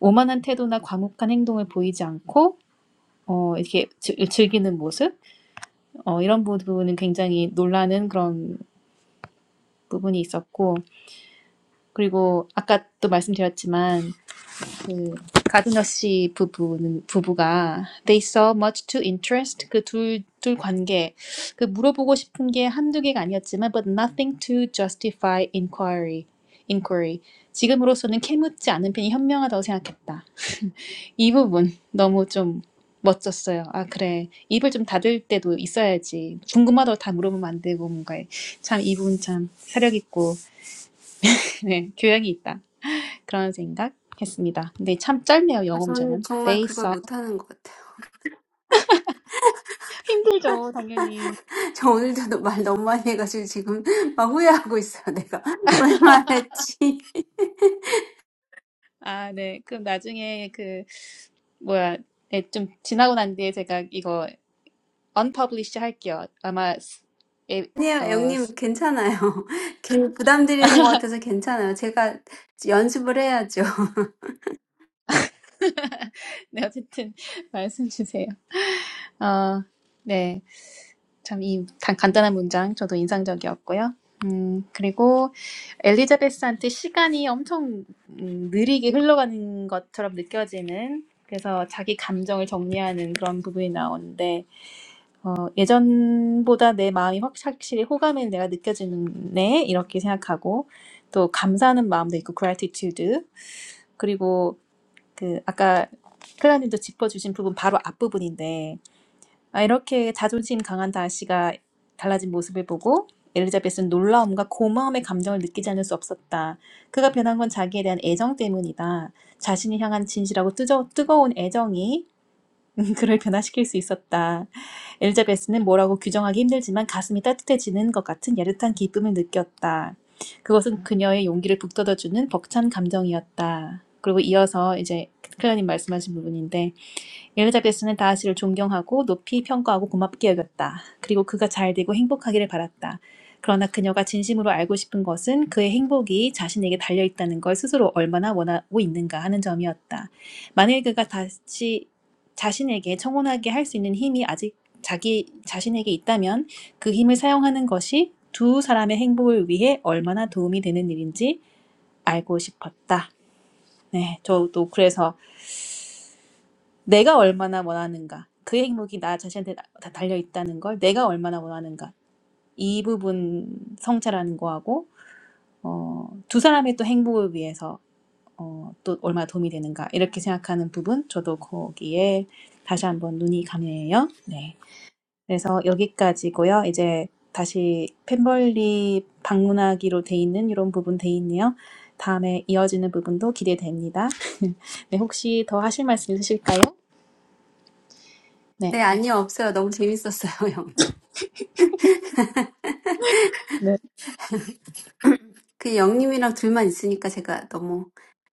Speaker 1: 오만한 태도나 과묵한 행동을 보이지 않고 어, 이렇게 즐, 즐기는 모습 어, 이런 부분은 굉장히 놀라는 그런 부분이 있었고 그리고 아까 또 말씀드렸지만 그 가든어 씨 부부는 부부가 they saw much to interest 그둘둘 관계 그 물어보고 싶은 게 한두 개가 아니었지만 but nothing to justify inquiry inquiry 지금으로서는 캐묻지 않은 편이 현명하다고 생각했다. 이 부분 너무 좀 멋졌어요. 아 그래 입을 좀 닫을 때도 있어야지 궁금하다고 다 물어보면 안 되고 뭔가 참 이 부분 참 사력 있고 네, 교양이 있다. 그런 생각했습니다. 근데 참 짧네요, 영어
Speaker 2: I'm really
Speaker 1: 문제는.
Speaker 2: not
Speaker 1: They
Speaker 2: good
Speaker 1: saw.
Speaker 2: at that.
Speaker 1: 힘들죠, 당연히.
Speaker 2: I'm talking too much today, and I'm regretting it. What did I say?
Speaker 1: 아, 네. 그럼 나중에 그, 뭐야, 네, 좀 지나고 난 뒤에 제가 이거 unpublish 할게요. 아마, 에,
Speaker 2: Auntie,
Speaker 1: 어,
Speaker 2: Youngnim, it's okay. It's not too much. It's okay. I need to
Speaker 1: 네, 어쨌든 말씀 주세요. 어, 네. 참 이 간단한 문장 저도 인상적이었고요. 음, 그리고 엘리자베스한테 시간이 엄청 음, 느리게 흘러가는 것처럼 느껴지는 그래서 자기 감정을 정리하는 그런 부분이 나오는데 어, 예전보다 내 마음이 확- 확실히 호감을 내가 느껴지네 이렇게 생각하고 또 감사하는 마음도 있고 gratitude 그리고 그 아까 클라님도 짚어주신 부분 바로 앞부분인데 아, 이렇게 자존심 강한 다시가 달라진 모습을 보고 엘리자벳은 놀라움과 고마움의 감정을 느끼지 않을 수 없었다. 그가 변한 건 자기에 대한 애정 때문이다. 자신이 향한 진실하고 뜨저, 뜨거운 애정이 그를 변화시킬 수 있었다. 엘리자베스는 뭐라고 규정하기 힘들지만 가슴이 따뜻해지는 것 같은 야릇한 기쁨을 느꼈다. 그것은 그녀의 용기를 북돋아주는 벅찬 감정이었다. 그리고 이어서 이제 클라님 말씀하신 부분인데 엘리자베스는 다윗을 존경하고 높이 평가하고 고맙게 여겼다. 그리고 그가 잘 되고 행복하기를 바랐다. 그러나 그녀가 진심으로 알고 싶은 것은 그의 행복이 자신에게 달려 있다는 걸 스스로 얼마나 원하고 있는가 하는 점이었다. 만일 그가 다시 자신에게 청혼하게 할 수 있는 힘이 아직 자기 자신에게 있다면 그 힘을 사용하는 것이 두 사람의 행복을 위해 얼마나 도움이 되는 일인지 알고 싶었다. 네, 저도 그래서 내가 얼마나 원하는가. 그 행복이 나 자신한테 다 달려 있다는 걸 내가 얼마나 원하는가. 이 부분 성찰하는 거하고 어, 두 사람의 또 행복을 위해서 어, 또 얼마나 도움이 되는가 이렇게 생각하는 부분 저도 거기에 다시 한번 눈이 감해요. 네. 그래서 여기까지고요. 이제 다시 펜벌리 방문하기로 돼 있는 이런 부분 돼 있네요. 다음에 이어지는 부분도 기대됩니다. 네, 혹시 더 하실 말씀 있으실까요?
Speaker 2: practice.
Speaker 1: 네.
Speaker 2: No, Auntie, it was so much fun. Youngnim and I are just two of us, so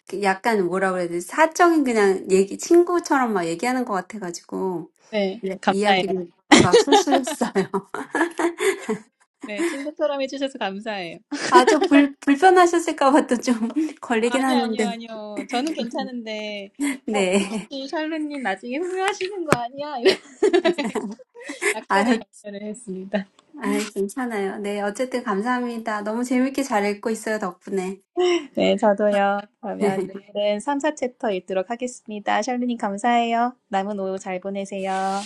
Speaker 2: it's so personal. It's like we're just friends talking. We talked a lot.
Speaker 1: 네, 감사해요. 네, 친구처럼 해주셔서 감사해요.
Speaker 2: 아, 좀 불, 불편하셨을까 또좀 걸리긴
Speaker 1: 아니요, 아니요,
Speaker 2: 하는데.
Speaker 1: 아니요. 저는 괜찮은데, 어,
Speaker 2: 네.
Speaker 1: 혹시 샬루님 나중에 후회하시는 거 아니야? 이렇게 약간의
Speaker 2: 아유,
Speaker 1: 염려를 했습니다.
Speaker 2: 아 괜찮아요. 네. 어쨌든 감사합니다. 너무 재밌게 잘 읽고 있어요, 덕분에.
Speaker 1: 네, 저도요. 그러면 내일은 3, 4챕터 읽도록 하겠습니다. 샬루님 감사해요. 남은 오후 잘 보내세요.